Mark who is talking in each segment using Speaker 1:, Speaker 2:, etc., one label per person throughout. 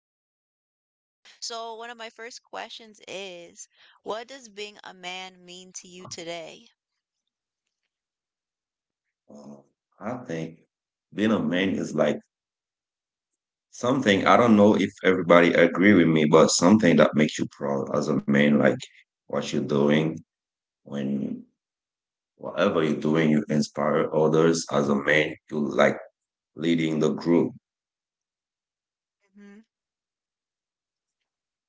Speaker 1: age range. Okay. So one of my first questions is, what does being a man mean to you today?
Speaker 2: Uh, I think being a man is like something, I don't know if everybody agree with me, but something that makes you proud as a man, like what you're doing when whatever you're doing, you inspire others as a man, you like leading the group.
Speaker 1: hmm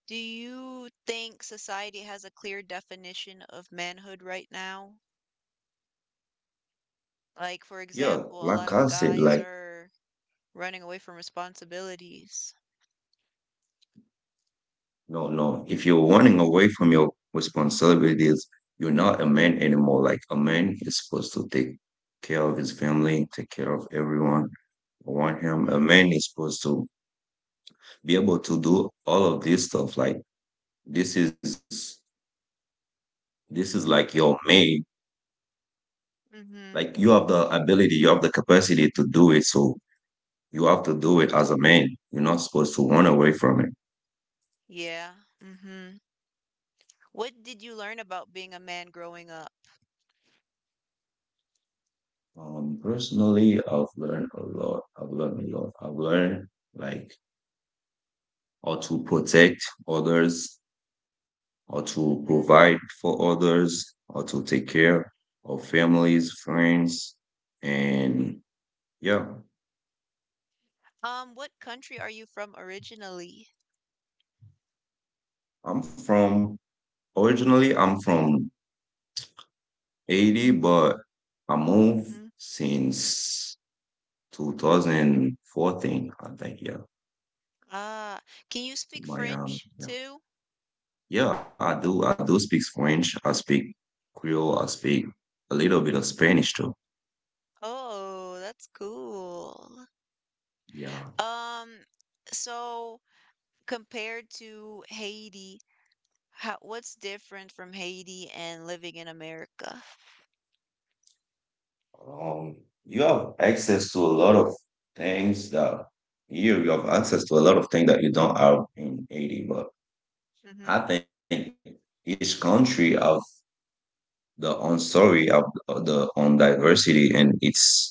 Speaker 1: Do you think society has a clear definition of manhood right now? Like, for
Speaker 2: Yeah,
Speaker 1: example, a lot
Speaker 2: like
Speaker 1: of
Speaker 2: I said,
Speaker 1: guys
Speaker 2: like
Speaker 1: are running away from responsibilities.
Speaker 2: No, no. If you're running away from your responsibilities, you're not a man anymore. Like a man is supposed to take care of his family, take care of everyone around him. A
Speaker 1: Mm-hmm.
Speaker 2: man is supposed to be able to do all of this stuff. Like this is this is like your main.
Speaker 1: Mm-hmm.
Speaker 2: Like you have the ability, you have the capacity to do it. So you have to do it as a man. You're not supposed to run away from it.
Speaker 1: Yeah. Mm-hmm. What did you learn about being a man growing up?
Speaker 2: Personally, I've learned a lot. I've learned like or to protect others or to
Speaker 1: Mm-hmm.
Speaker 2: provide for others or to take
Speaker 1: Mm-hmm.
Speaker 2: care of families, friends,
Speaker 1: Mm-hmm.
Speaker 2: and yeah.
Speaker 1: What country are you from originally?
Speaker 2: I'm from originally I'm from Haiti, but I moved
Speaker 1: Mm-hmm.
Speaker 2: since 2014, I think, yeah,
Speaker 1: Ah, can you speak
Speaker 2: to
Speaker 1: French
Speaker 2: Miami. Yeah.
Speaker 1: too?
Speaker 2: Yeah, I do. I do speak French. I speak Creole. I speak a little bit of Spanish too.
Speaker 1: Oh, that's cool.
Speaker 2: Yeah.
Speaker 1: Um, so compared to Haiti, what's different from Haiti and living in America?
Speaker 2: Um, you have access to a lot of things that here you have access to a lot of things that you don't have in Haiti. But
Speaker 1: Mm-hmm.
Speaker 2: I think each country have the own story, of the own diversity, and it's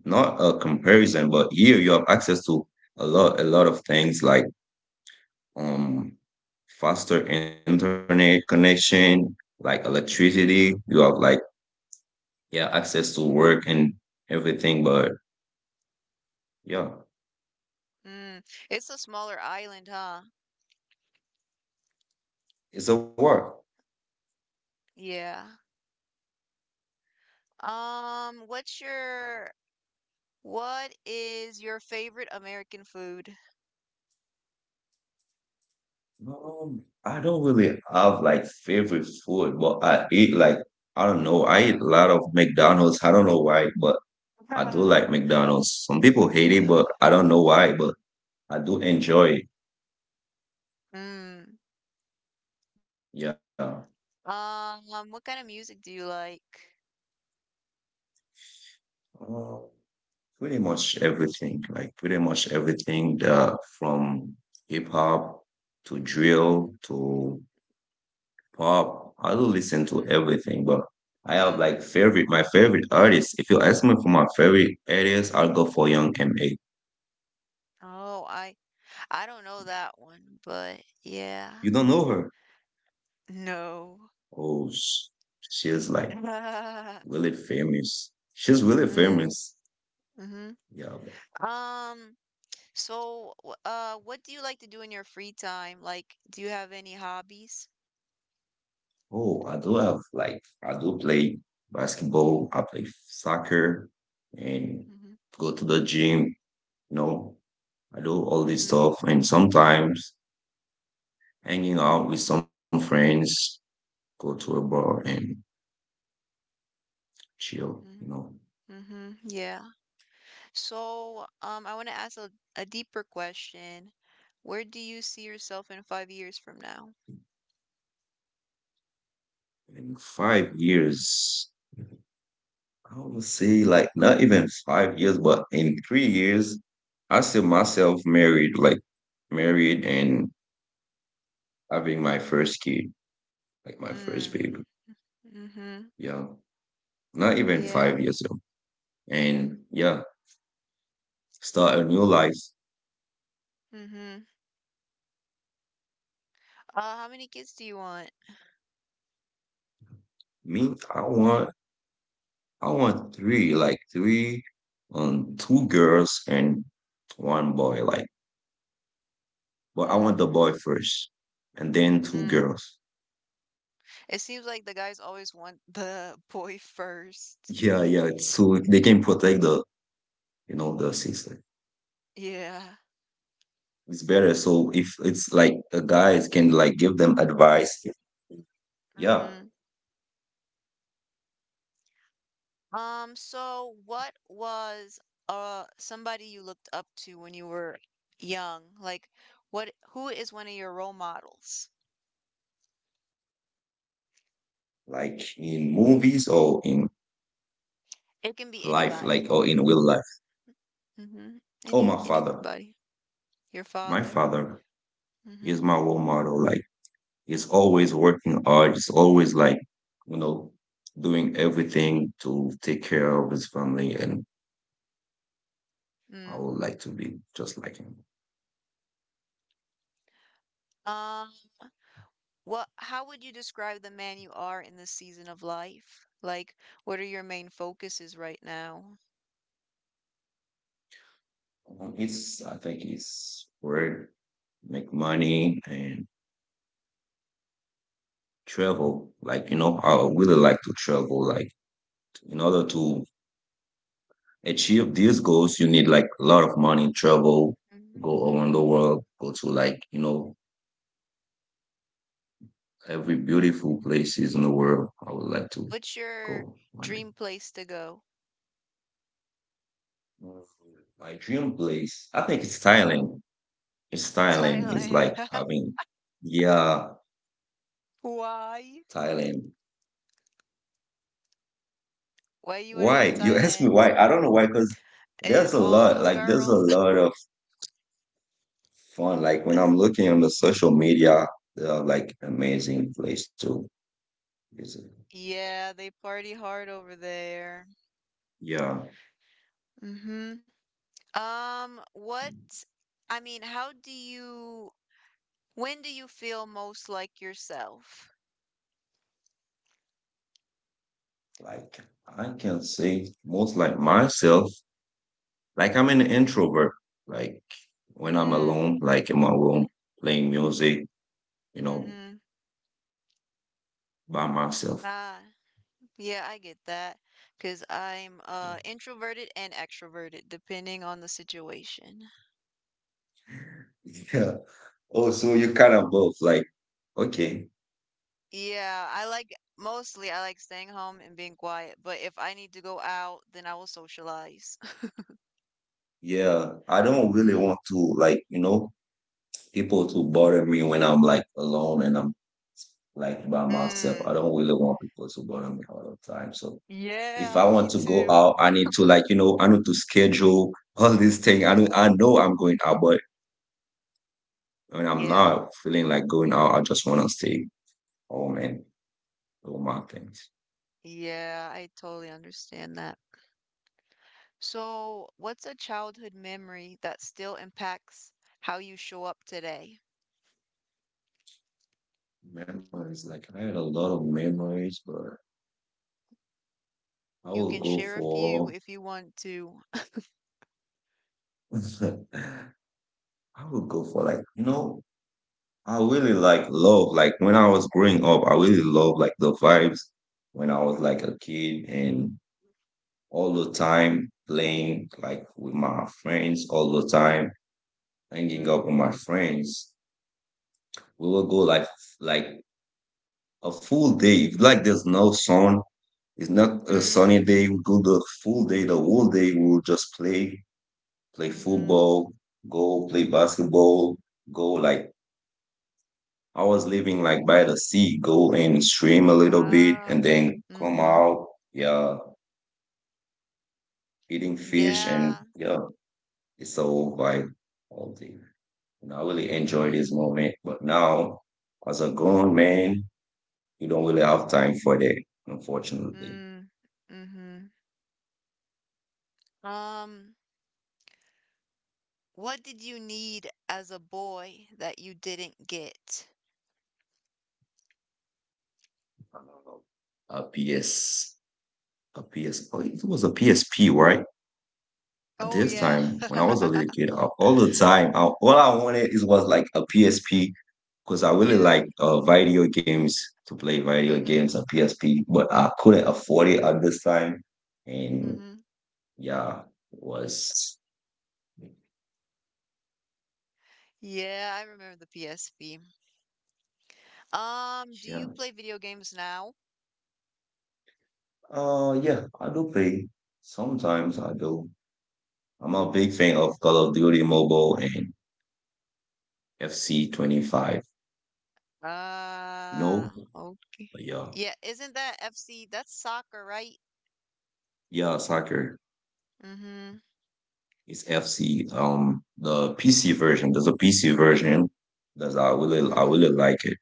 Speaker 2: not a comparison. But here you have access to a lot of things like um faster internet connection, like
Speaker 1: Mm-hmm.
Speaker 2: electricity. You have like yeah access to work and everything. But yeah,
Speaker 1: Mm, it's a smaller island, huh?
Speaker 2: it's a work.
Speaker 1: Yeah. Um, what's your what is your favorite American food?
Speaker 2: I don't really have like favorite food, but I eat like I don't know. I eat a lot of McDonald's. I don't know why, but I do like McDonald's. Some people hate it, but I don't know why, but I do enjoy it.
Speaker 1: Mm.
Speaker 2: Yeah.
Speaker 1: What kind of music do you like?
Speaker 2: Uh, Pretty much everything. Like pretty much everything from hip hop to
Speaker 1: Hmm
Speaker 2: drill to pop. I do listen to
Speaker 1: hmm
Speaker 2: everything, but I have
Speaker 1: Mm.
Speaker 2: like favorite my favorite artist. If you ask me for my favorite artist, I'll go for Young M.A.
Speaker 1: Oh, I I don't know that one, but yeah.
Speaker 2: You don't know her?
Speaker 1: No.
Speaker 2: Oh, she's like
Speaker 1: Mm.
Speaker 2: really famous. She's really famous.
Speaker 1: Mm-hmm.
Speaker 2: Yeah.
Speaker 1: Um, so what do you like to do in your free time? Like, do you have any hobbies?
Speaker 2: Oh, I do have like I do play basketball. I play soccer and
Speaker 1: Mm-hmm.
Speaker 2: go to the gym. You know, I do all this
Speaker 1: Mhm.
Speaker 2: stuff and sometimes hanging out with some friends, go to a bar and chill,
Speaker 1: Mm,
Speaker 2: you know,
Speaker 1: mhm. Yeah. I want to ask a deeper question. Where do you see yourself in 5 years from now?
Speaker 2: in 5 years, I would say like not even 5 years, but in 3 years, I see myself married, like married and having my first kid, like my first
Speaker 1: Mm.
Speaker 2: baby.
Speaker 1: Mhm.
Speaker 2: Yeah. Not even five
Speaker 1: Yeah.
Speaker 2: years old. And yeah, start a new life.
Speaker 1: Mhm. How many kids do you want?
Speaker 2: Me, I want three, like three two girls and one boy, like but I want the
Speaker 1: Mm.
Speaker 2: boy first and then two
Speaker 1: Mm.
Speaker 2: girls.
Speaker 1: It seems like the guys always want the boy first.
Speaker 2: Yeah, yeah. It's, so they can protect the, you know, the system.
Speaker 1: Yeah.
Speaker 2: It's better. So if it's like the guys can like give them advice. Yeah,
Speaker 1: Mhm. So what was somebody you looked up to when you were young? Like what who is one of your role models?
Speaker 2: like in movies or in
Speaker 1: It can be
Speaker 2: life,
Speaker 1: anybody.
Speaker 2: like or in real life.
Speaker 1: Mm-hmm.
Speaker 2: Oh, my father.
Speaker 1: Anybody. Your
Speaker 2: My
Speaker 1: father.
Speaker 2: father is
Speaker 1: Mm-hmm.
Speaker 2: my role model. Like he's always working hard. He's always like, you know, doing everything to take care of his family. And I
Speaker 1: Mm.
Speaker 2: would like to be just like him.
Speaker 1: Um, what? How would you describe the man you are in this season of life? Like, what are your main focuses right now?
Speaker 2: It's, I think it's weird make money and travel. Like, you know, I really like to travel. Like, in order to achieve these goals, you need like a lot of money, travel,
Speaker 1: Mm-hmm.
Speaker 2: go around
Speaker 1: Mm-hmm.
Speaker 2: the world, go to like, you know, every beautiful places in the world. I would like to
Speaker 1: What's your
Speaker 2: go one day.
Speaker 1: dream place to go?
Speaker 2: Mm, my dream place, I think it's Thailand. It's Thailand. It's
Speaker 1: Thailand.
Speaker 2: like, I mean, yeah,
Speaker 1: Why?
Speaker 2: Thailand.
Speaker 1: Why you want to go
Speaker 2: Why?
Speaker 1: to
Speaker 2: You ask me
Speaker 1: Thailand?
Speaker 2: why. I don't know why, because there's
Speaker 1: Is
Speaker 2: a
Speaker 1: all
Speaker 2: lot,
Speaker 1: those
Speaker 2: like, there's a
Speaker 1: girls?
Speaker 2: lot fun. Like when I'm looking on the social media, they are like amazing place to visit.
Speaker 1: Yeah, they party hard over there.
Speaker 2: Yeah,
Speaker 1: Mm-hmm. What, I mean, how do you, When do you feel most like yourself?
Speaker 2: like I can say most like myself, like I'm an introvert. Like when I'm
Speaker 1: Mm,
Speaker 2: alone, like in my
Speaker 1: mm,
Speaker 2: room playing music, you know,
Speaker 1: mm-hmm.
Speaker 2: by myself.
Speaker 1: Ah, yeah, I get that. 'Cause I'm introverted and extroverted depending on the situation.
Speaker 2: Yeah. Oh, so you kind of both like okay.
Speaker 1: Yeah, I like mostly I like staying home and being quiet, but if I need to go out, then I will socialize.
Speaker 2: Yeah, I don't really
Speaker 1: Mm.
Speaker 2: want to like, you know, people to bother me when I'm like alone and I'm like by myself. I
Speaker 1: Mm.
Speaker 2: don't really want people to bother me all the time. So if
Speaker 1: Yeah,
Speaker 2: I want
Speaker 1: me
Speaker 2: to go
Speaker 1: too.
Speaker 2: out, I need to like, you know, I need to schedule all these things. I know I'm going out, but when I'm
Speaker 1: Yeah.
Speaker 2: not feeling like going out, I just want to stay home and do my things.
Speaker 1: Yeah, I totally understand that. So, what's a childhood memory that still impacts how you show up today?
Speaker 2: Memories, like I had a lot of memories, but I
Speaker 1: You
Speaker 2: will
Speaker 1: can
Speaker 2: go
Speaker 1: share a
Speaker 2: for,
Speaker 1: few if you want to.
Speaker 2: I will go for like, you know, I really like love. Like when I was growing up, I really love like the vibes when I was like a kid and all the time, playing like with my friends all the time, hanging
Speaker 1: Mm.
Speaker 2: out with my friends. We will go like a full day. If like there's no sun, it's not a sunny
Speaker 1: Mm.
Speaker 2: day. We go the full day, the whole day. We will just play, play
Speaker 1: Mhm.
Speaker 2: football, go play basketball, go like I was living like by the sea, go and swim a little bit, and
Speaker 1: Wow. Mm,
Speaker 2: then come
Speaker 1: Mhm.
Speaker 2: out. Yeah, eating fish and
Speaker 1: Yeah.
Speaker 2: yeah, it's a whole vibe all day. And I really enjoyed
Speaker 1: Mhm.
Speaker 2: this moment. But now, as a grown man, you don't really have time for that, unfortunately.
Speaker 1: Mm. Mhm. Um, what did you need as a boy that you didn't get?
Speaker 2: Um, A PS, a PS, oh, it was a PSP, right? At
Speaker 1: Oh
Speaker 2: this
Speaker 1: yeah.
Speaker 2: time, when I was a little kid, all the time, I, all I wanted is was like a PSP because I really
Speaker 1: Yeah.
Speaker 2: like video games to play video
Speaker 1: Mhm.
Speaker 2: games on PSP, but I couldn't
Speaker 1: Mm,
Speaker 2: afford it at this time. And
Speaker 1: Mhm.
Speaker 2: yeah, it was
Speaker 1: Yeah, I remember the PSP. Do you
Speaker 2: yeah.
Speaker 1: play video games now?
Speaker 2: Yeah, I do play. Sometimes I do. I'm a big fan
Speaker 1: Hmm.
Speaker 2: of Call of Duty Mobile and FC 25.
Speaker 1: Ah,
Speaker 2: No,
Speaker 1: okay.
Speaker 2: but yeah,
Speaker 1: Yeah, isn't that FC? That's soccer, right?
Speaker 2: yeah, soccer.
Speaker 1: Mm-hmm.
Speaker 2: It's FC. The PC version. There's a PC version. That's I really
Speaker 1: Mm-hmm.
Speaker 2: like it.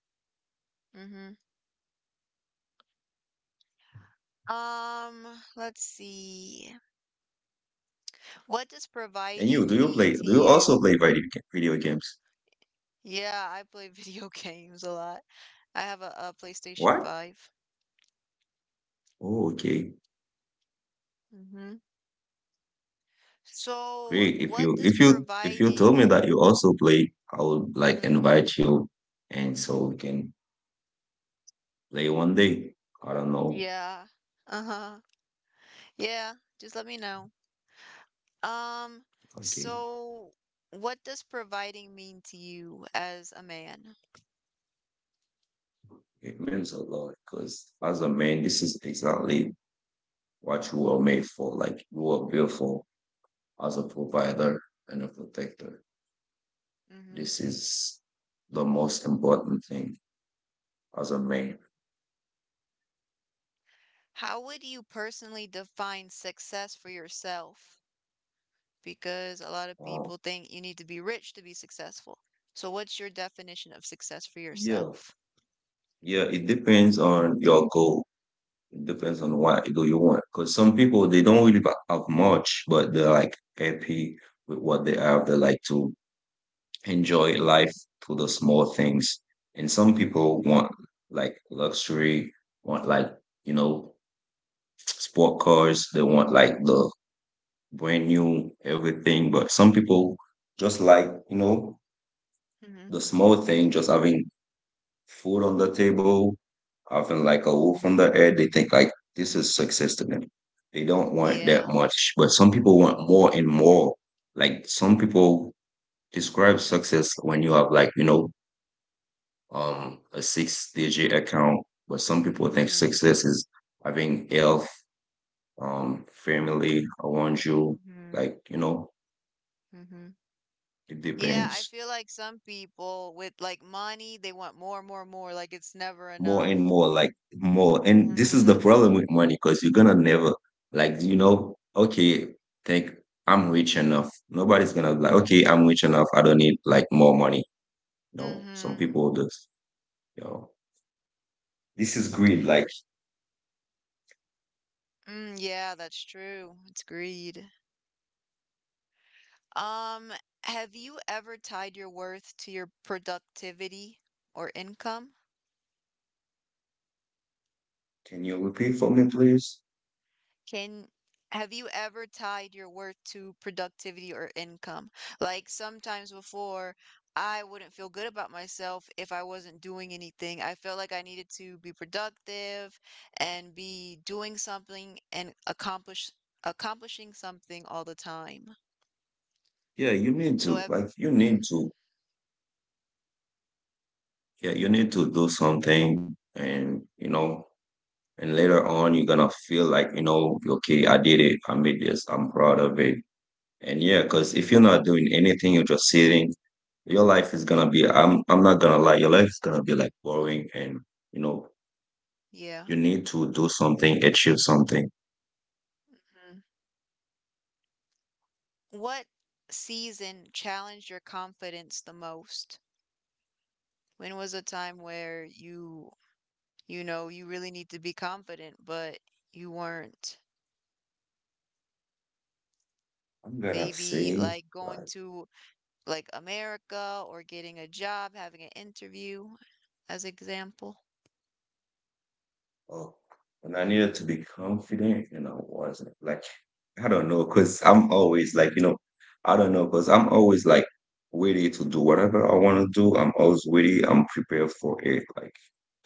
Speaker 1: Mm-hmm. Let's see. What does
Speaker 2: And you, do
Speaker 1: providing
Speaker 2: you
Speaker 1: mean
Speaker 2: play?
Speaker 1: to
Speaker 2: Do you also
Speaker 1: you?
Speaker 2: play video games?
Speaker 1: Yeah, I play video games a lot. I have a PlayStation
Speaker 2: What?
Speaker 1: 5.
Speaker 2: Oh, okay,
Speaker 1: Mm-hmm. So,
Speaker 2: great. If
Speaker 1: what
Speaker 2: you
Speaker 1: does
Speaker 2: if you told me
Speaker 1: providing?
Speaker 2: that you also play, I would like
Speaker 1: Hmm.
Speaker 2: invite you, and so we can play one day. I don't know.
Speaker 1: Yeah. Uh-huh. Yeah, just let me know. Um,
Speaker 2: Okay.
Speaker 1: so what does providing mean to you as a man?
Speaker 2: It means a lot because as a man, this is exactly what you were made for. Like you were built for as a provider and a protector.
Speaker 1: Hmm
Speaker 2: This is the most important thing as a man.
Speaker 1: How would you personally define success for yourself? Because a lot of people
Speaker 2: Um,
Speaker 1: think you need to be rich to be successful. So what's your definition of success for
Speaker 2: yeah,
Speaker 1: yourself?
Speaker 2: yeah. It depends on your goal. It depends on what goal you want. Because some people they don't really have much, but they're like happy with what they have. They like to enjoy life through the small things. And some people want like luxury, want like, you know, sport cars, they want like the brand new everything. But some people just like, you know,
Speaker 1: Hmm
Speaker 2: the small thing, just having food on the table, having like a roof on their head. They think like this is success to them. They don't want that
Speaker 1: Yeah.
Speaker 2: much. But some people want more and more. Like some people describe success when you have like, you know, a six digit account, but some people think
Speaker 1: Mm-hmm.
Speaker 2: success is having health, family around you.
Speaker 1: Mm-hmm.
Speaker 2: Like, you know,
Speaker 1: Mm-hmm.
Speaker 2: it
Speaker 1: Yeah, I
Speaker 2: depends
Speaker 1: feel like some people with like money, they want more, more, more, like it's never
Speaker 2: more and
Speaker 1: enough.
Speaker 2: more, like more. And this is the
Speaker 1: Mm-hmm.
Speaker 2: problem with money because you're gonna never, like, you know, okay, think I'm rich enough. Nobody's gonna be like, okay, I'm rich enough. I don't need like more money. You know, some
Speaker 1: Mm-hmm.
Speaker 2: people just, you know, this is greed. Like,
Speaker 1: Mm, yeah, that's true. It's greed. Um, have you ever tied your worth to your productivity or income?
Speaker 2: can you repeat for me, please?
Speaker 1: Can Have you ever tied your worth to productivity or income? Like sometimes before, I wouldn't feel good about myself if I wasn't doing anything. I felt like I needed to be productive and be doing something and accomplishing something all the time.
Speaker 2: Yeah, you need
Speaker 1: So
Speaker 2: to,
Speaker 1: I've
Speaker 2: like, you need to yeah,
Speaker 1: mm-hmm,
Speaker 2: you need to do something and you know, and later on you're gonna feel like, you know, okay, I did it, I made this, I'm proud of it. And yeah, because if you're
Speaker 1: mm-hmm,
Speaker 2: not doing anything, you're just sitting, your life is gonna be I'm not gonna lie, your life is gonna be like boring and you know,
Speaker 1: yeah.
Speaker 2: you need to do something, achieve something.
Speaker 1: Mhm. What season challenged your confidence the most? When was a time where you know, you really need to be confident, but you weren't?
Speaker 2: I'm gonna
Speaker 1: Maybe
Speaker 2: say
Speaker 1: like going
Speaker 2: like,
Speaker 1: to like America or getting a job, having an interview as example.
Speaker 2: oh, when I needed to be confident and I wasn't. Like I don't know, cause I'm always like, you know, I don't know, cause I'm always like ready to do whatever I want to do. I'm always ready. I'm prepared for it. Like,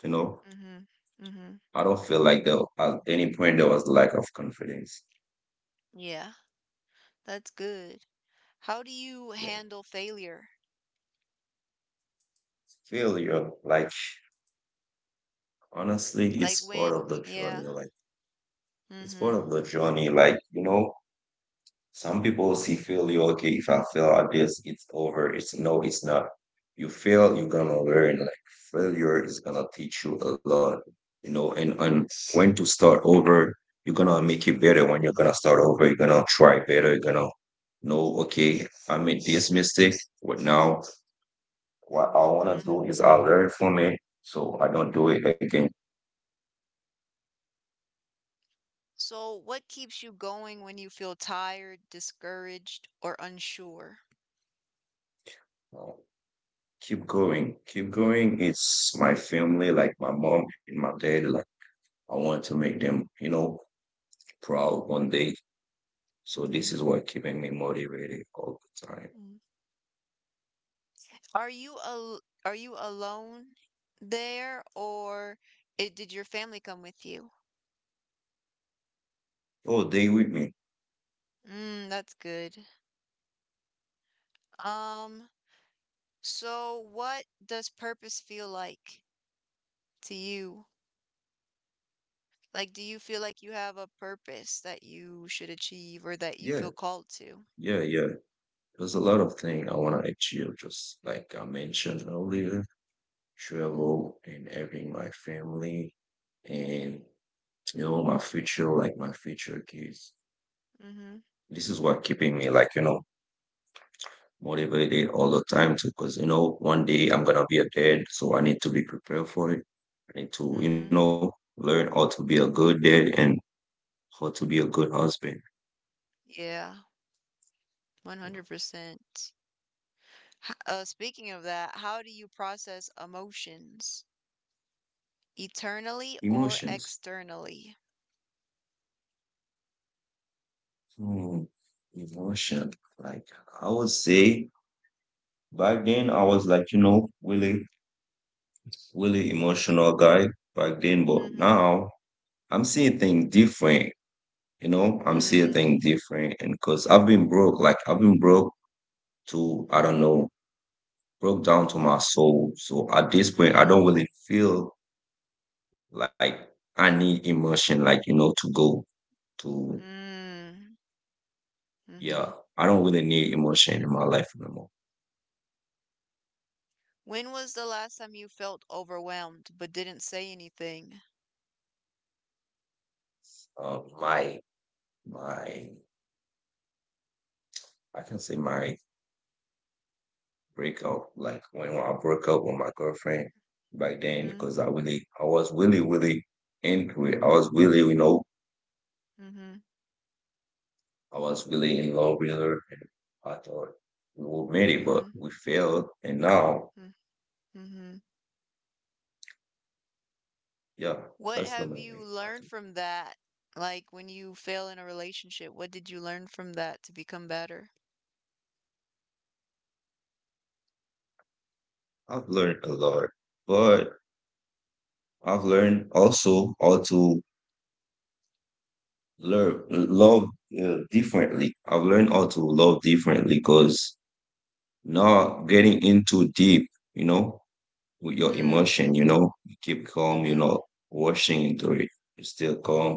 Speaker 2: you know,
Speaker 1: Mhm. Mhm.
Speaker 2: I don't feel like there at any point there was lack of confidence.
Speaker 1: Yeah, that's good. How do you
Speaker 2: Yeah,
Speaker 1: handle failure?
Speaker 2: failure. Like, honestly,
Speaker 1: Like
Speaker 2: it's part of
Speaker 1: when,
Speaker 2: the journey.
Speaker 1: yeah. Mhm.
Speaker 2: Like, you know, some people see failure, okay, if I fail at this, it's over. It's no, it's not. You fail, you're gonna learn. Like failure is gonna teach you a lot, you know, and when to start over, you're gonna make it better when you're gonna start over. You're gonna try better, you're gonna know, okay, I made this mistake, but now what I wanna do
Speaker 1: Mhm.
Speaker 2: is I learn from it so I don't do it again.
Speaker 1: So, what keeps you going when you feel tired, discouraged, or unsure?
Speaker 2: No. Keep going, keep going. It's my family, like my mom and my dad, like I want to make them, you know, proud one
Speaker 1: Hmm
Speaker 2: day. So this is
Speaker 1: hmm
Speaker 2: what keeping me motivated all the time.
Speaker 1: mm Are you alone there, or it, did your family come with you?
Speaker 2: Oh, day with me.
Speaker 1: Mm, that's good. Um, so what does purpose feel like to you? Like, do you feel like you have a purpose that you should achieve or that you
Speaker 2: Yeah,
Speaker 1: feel called to?
Speaker 2: yeah, yeah. There's a lot of things I want to achieve, just like I mentioned earlier,
Speaker 1: Hmm
Speaker 2: travel and having my family and you know my future, like my future kids.
Speaker 1: Mm-hmm.
Speaker 2: This is what keeping me like, you know, motivated all the time too, because you know, one day I'm gonna be a dad, so I need to be prepared for it. I need to,
Speaker 1: Mm-hmm.
Speaker 2: you know, learn how to be a good dad and how to be a good husband.
Speaker 1: Yeah, 100%. Speaking of that, how do you process emotions? Eternally or
Speaker 2: Emotions.
Speaker 1: externally?
Speaker 2: Hmm. Emotion. Like I would say back then I was like, you know, really, really emotional guy back then, but
Speaker 1: Mm-hmm.
Speaker 2: now I'm seeing things different. You know, I'm seeing
Speaker 1: Mm.
Speaker 2: things different, and because I've been broke, like I've been broke to I don't
Speaker 1: Mm-hmm.
Speaker 2: know, broke down to my soul. So at this point I don't
Speaker 1: Mm.
Speaker 2: really feel like I need emotion, like you know, to go to
Speaker 1: Mm. Mm-hmm.
Speaker 2: yeah. I don't really need emotion in my life anymore.
Speaker 1: When was the last time you felt overwhelmed but didn't say anything?
Speaker 2: My My, I can say my breakup, like when I broke up with my girlfriend back then,
Speaker 1: Mm-hmm.
Speaker 2: because I really, I was really, really into it. I was really, you know,
Speaker 1: Mm-hmm.
Speaker 2: I was really in love with her, and I thought we were made it, but
Speaker 1: Mm-hmm.
Speaker 2: we failed. And now,
Speaker 1: Mm-hmm.
Speaker 2: yeah,
Speaker 1: What
Speaker 2: that's the
Speaker 1: have
Speaker 2: main
Speaker 1: you
Speaker 2: thing. I
Speaker 1: learned
Speaker 2: think
Speaker 1: from that? Like when you fail in a relationship, what did you learn from that to become better?
Speaker 2: I've learned a lot, but I've learned also how to learn love differently. I've learned how to love differently because not getting in too deep, you know, with your
Speaker 1: Mm.
Speaker 2: emotion, you know, you keep calm,
Speaker 1: Mm-hmm.
Speaker 2: you're not rushing into it. You still calm.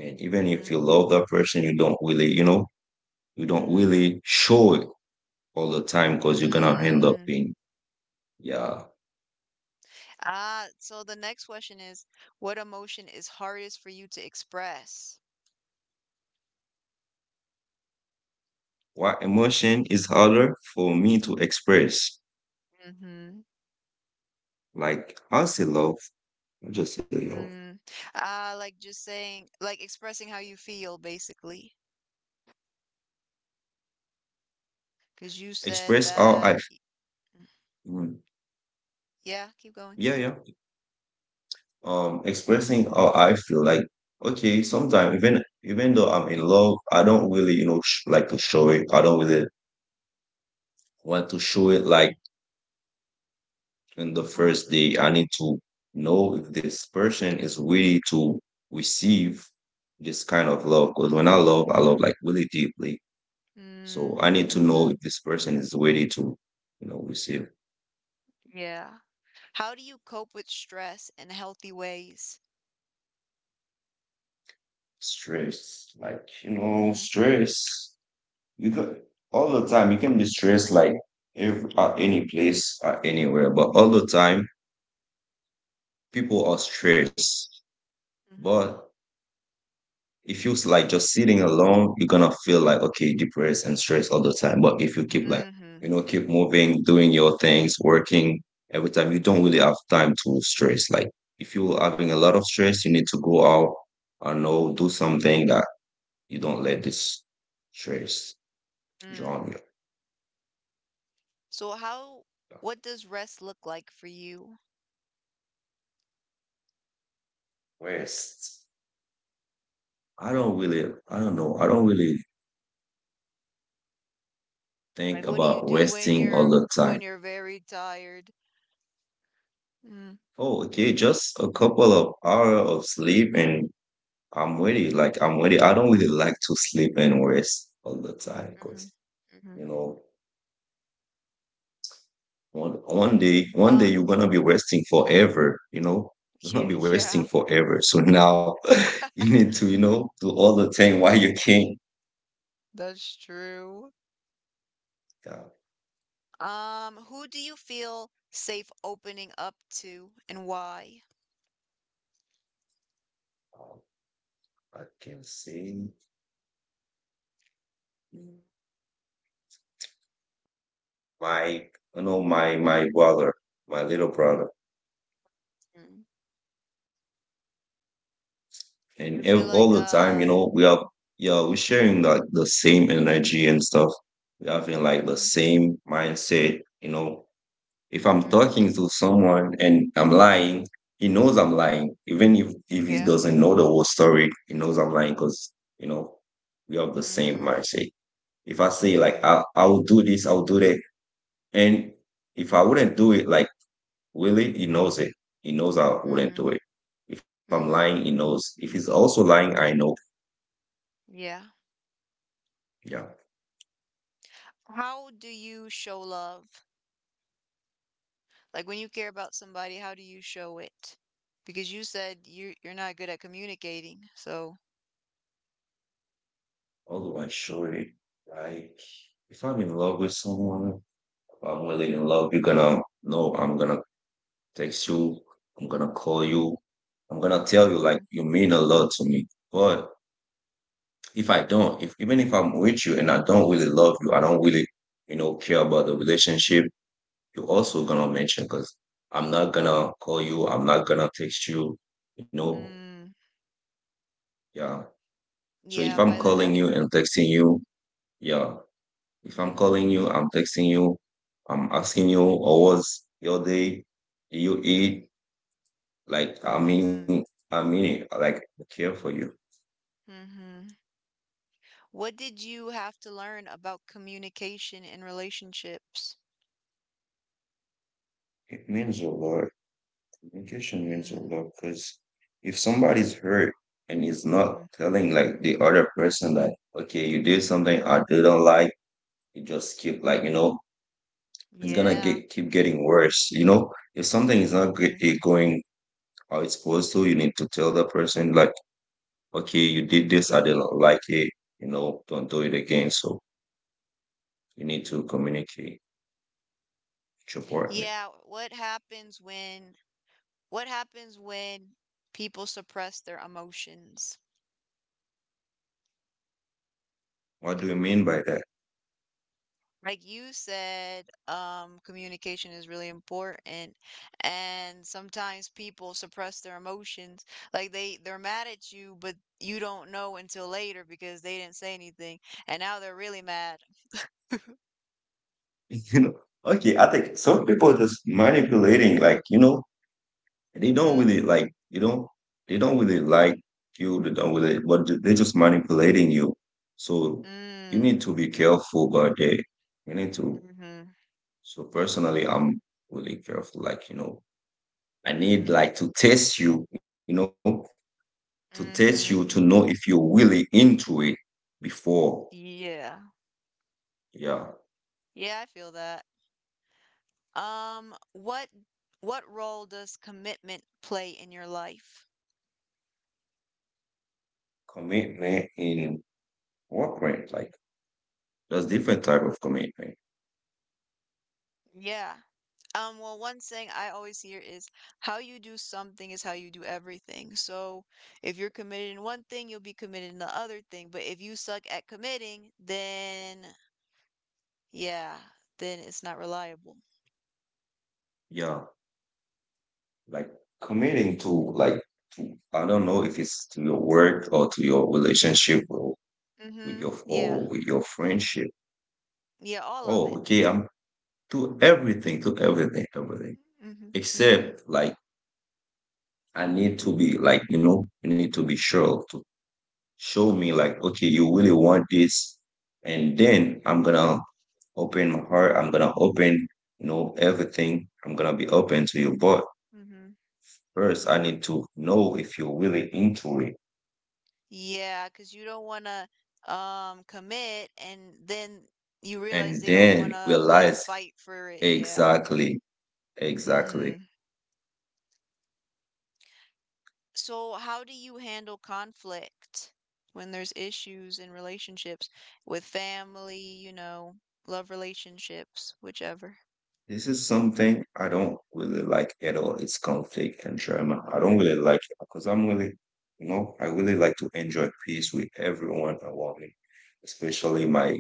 Speaker 2: And even if
Speaker 1: Mm-hmm.
Speaker 2: you love that person, you don't really, you know, you don't
Speaker 1: Mm-hmm.
Speaker 2: really show it all the time because you're gonna end up in
Speaker 1: Mm.
Speaker 2: yeah.
Speaker 1: Ah, so the next question is, what emotion is hardest for you to express?
Speaker 2: What emotion is harder for me to express?
Speaker 1: Mm-hmm.
Speaker 2: Like, I say love. I just say love.
Speaker 1: Mm. Ah, like just saying, like expressing how you feel, basically. Because you said
Speaker 2: Express how I,
Speaker 1: that,
Speaker 2: mm,
Speaker 1: yeah, keep going.
Speaker 2: yeah, yeah. Expressing how I feel. Like, okay, sometimes even though I'm in love, I don't really, you know, like to show it. I don't really want to show it like in the
Speaker 1: Uh-huh.
Speaker 2: first day. I need to know if this person is ready to receive this kind of love. Because when I love like really deeply. So I
Speaker 1: Mm,
Speaker 2: need to know
Speaker 1: mm-hmm.
Speaker 2: if this person is ready to, you know, receive
Speaker 1: Yeah. How do you cope with stress in healthy ways?
Speaker 2: stress. Like, you know,
Speaker 1: Mm-hmm.
Speaker 2: stress. You could all the time you can be stressed like every, at any place at anywhere, but all the time people are stressed,
Speaker 1: Mm-hmm.
Speaker 2: but if you like just sitting alone you're gonna feel like okay depressed and stressed all the time, but if you keep like you
Speaker 1: Mm-hmm.
Speaker 2: know keep moving doing your things working every time you don't really have time to stress. Like if you're having a lot of stress you need to go out, I know, do something that you don't let this stress
Speaker 1: Mm.
Speaker 2: drown you.
Speaker 1: So how, what does rest look like for you?
Speaker 2: Rest. I don't really, I don't know. I don't really think
Speaker 1: Like, what do
Speaker 2: about
Speaker 1: you do
Speaker 2: resting all the time.
Speaker 1: when you're very tired? Mm,
Speaker 2: Oh, okay, just a couple of hours of sleep and I'm ready. Like I'm ready. I don't really like to sleep and rest all the time
Speaker 1: mm-hmm,
Speaker 2: because
Speaker 1: mm-hmm.
Speaker 2: you know one one
Speaker 1: Uh,
Speaker 2: day you're gonna be resting forever. You know you're gonna
Speaker 1: yeah,
Speaker 2: be resting
Speaker 1: yeah,
Speaker 2: forever. So now you need to you know do all the thing while you can.
Speaker 1: that's true.
Speaker 2: Yeah,
Speaker 1: Who do you feel safe opening up to and why?
Speaker 2: um, I can see my you know my brother, my little brother.
Speaker 1: Mm.
Speaker 2: And
Speaker 1: You feel
Speaker 2: all the
Speaker 1: like
Speaker 2: time you know we are
Speaker 1: mm,
Speaker 2: yeah we're sharing like the same energy and stuff, we're having like the
Speaker 1: mm-hmm,
Speaker 2: same mindset, you know, if I'm
Speaker 1: mm
Speaker 2: talking to someone and I'm lying he knows I'm lying, even if he
Speaker 1: yeah,
Speaker 2: doesn't know the whole story he knows I'm lying because you know we have the same
Speaker 1: mm-hmm,
Speaker 2: mindset. If I say like
Speaker 1: mm-hmm,
Speaker 2: I, I'll do this, I'll do that, and if I wouldn't do it, like really he knows it, he knows I wouldn't
Speaker 1: mm-hmm,
Speaker 2: do it. If I'm
Speaker 1: mm-hmm,
Speaker 2: lying he knows, if he's also lying I know.
Speaker 1: yeah.
Speaker 2: Yeah.
Speaker 1: How do you show love? Like when you care about somebody, how do you show it? Because you said you're not good at communicating, so.
Speaker 2: How do I show it? Like, if I'm in love with someone, if I'm really in love, you're gonna know. I'm gonna text you, I'm gonna call you, I'm gonna tell you like
Speaker 1: Mm-hmm,
Speaker 2: you mean a lot to me. But if I don't, if even if I'm with you and I don't really love you, I don't really, you know, care about the relationship, you're also
Speaker 1: mm-hmm.
Speaker 2: gonna mention because I'm not gonna call you, I'm not gonna text you, you know,
Speaker 1: Mm,
Speaker 2: yeah. So if
Speaker 1: yeah,
Speaker 2: I'm
Speaker 1: by the
Speaker 2: calling you
Speaker 1: effort.
Speaker 2: and texting you, yeah, if I'm
Speaker 1: Mhm,
Speaker 2: calling you, I'm texting you, I'm asking you, or what's your day? Do you
Speaker 1: mhm,
Speaker 2: eat? Like,
Speaker 1: mhm,
Speaker 2: it, like, I care for you.
Speaker 1: mhm. What did you have to learn about communication in relationships?
Speaker 2: It means a lot. Communication means a
Speaker 1: Mm,
Speaker 2: lot because if somebody's hurt and is not
Speaker 1: mm.
Speaker 2: telling like the other person that, okay, you did something I didn't like, you just keep like, you know, it's gonna
Speaker 1: Yeah.
Speaker 2: get keep getting worse. You know, if something is not g-
Speaker 1: Mm-hmm.
Speaker 2: eh, going how it's supposed to, you need to tell the person like okay, you did this, I didn't like it, you know, don't do it again. So you need to communicate with your partner.
Speaker 1: Yeah, what happens when what happens when people suppress their emotions?
Speaker 2: What do you mean by that?
Speaker 1: Like you said, communication is really important, and sometimes people suppress their emotions. Like they're mad at you, but you don't know until later because they didn't say anything, and now they're really mad.
Speaker 2: You know, okay, I think some people just manipulating, like, you know, they don't
Speaker 1: Mm-hmm.
Speaker 2: really like, you know, they don't really like you, they don't really, but they're just manipulating you. So you need
Speaker 1: Mm,
Speaker 2: to be careful about that. You need to,
Speaker 1: mm-hmm.
Speaker 2: so personally, I'm really careful, like, you know, I need
Speaker 1: Mm-hmm.
Speaker 2: like to test you, you know, to test
Speaker 1: mm-hmm.
Speaker 2: you to know if you're really into it before
Speaker 1: Yeah.
Speaker 2: yeah.
Speaker 1: Yeah, I feel that. Um, what what role does commitment play in your life?
Speaker 2: Commitment in work rate, like there's different type of commitment.
Speaker 1: Yeah. Well, one saying I always hear is how you do something is how you do everything. So if you're committed in one thing, you'll be committed in the other thing. But if you suck at committing, then yeah, then it's not reliable.
Speaker 2: Yeah, like committing to like to, I don't know if it's to your work or to your relationship or
Speaker 1: Mm-hmm. Yeah.
Speaker 2: with your friendship.
Speaker 1: Yeah, all of
Speaker 2: Oh
Speaker 1: it.
Speaker 2: okay, I'm to everything, to everything, everything,
Speaker 1: Mm-hmm. Mm-hmm.
Speaker 2: except like I need to be like you know, you need to be sure to show me like okay you really want this, and then I'm gonna open my heart, I'm gonna open, you know, everything, I'm gonna be open to you, but
Speaker 1: Mm-hmm.
Speaker 2: first I need to know if you're really into it
Speaker 1: Yeah, cause you don't wanna commit and then you realize
Speaker 2: and
Speaker 1: they don't
Speaker 2: then
Speaker 1: wanna like
Speaker 2: realize.
Speaker 1: fight for it. Yeah.
Speaker 2: Exactly, exactly.
Speaker 1: Mm-hmm. So, how do you handle conflict when there's issues in relationships with family, you know, love relationships, whichever?
Speaker 2: This is something I don't really like at all, it's conflict and drama. I don't really like it because I'm really, you know, I really like to enjoy peace with everyone around me, especially my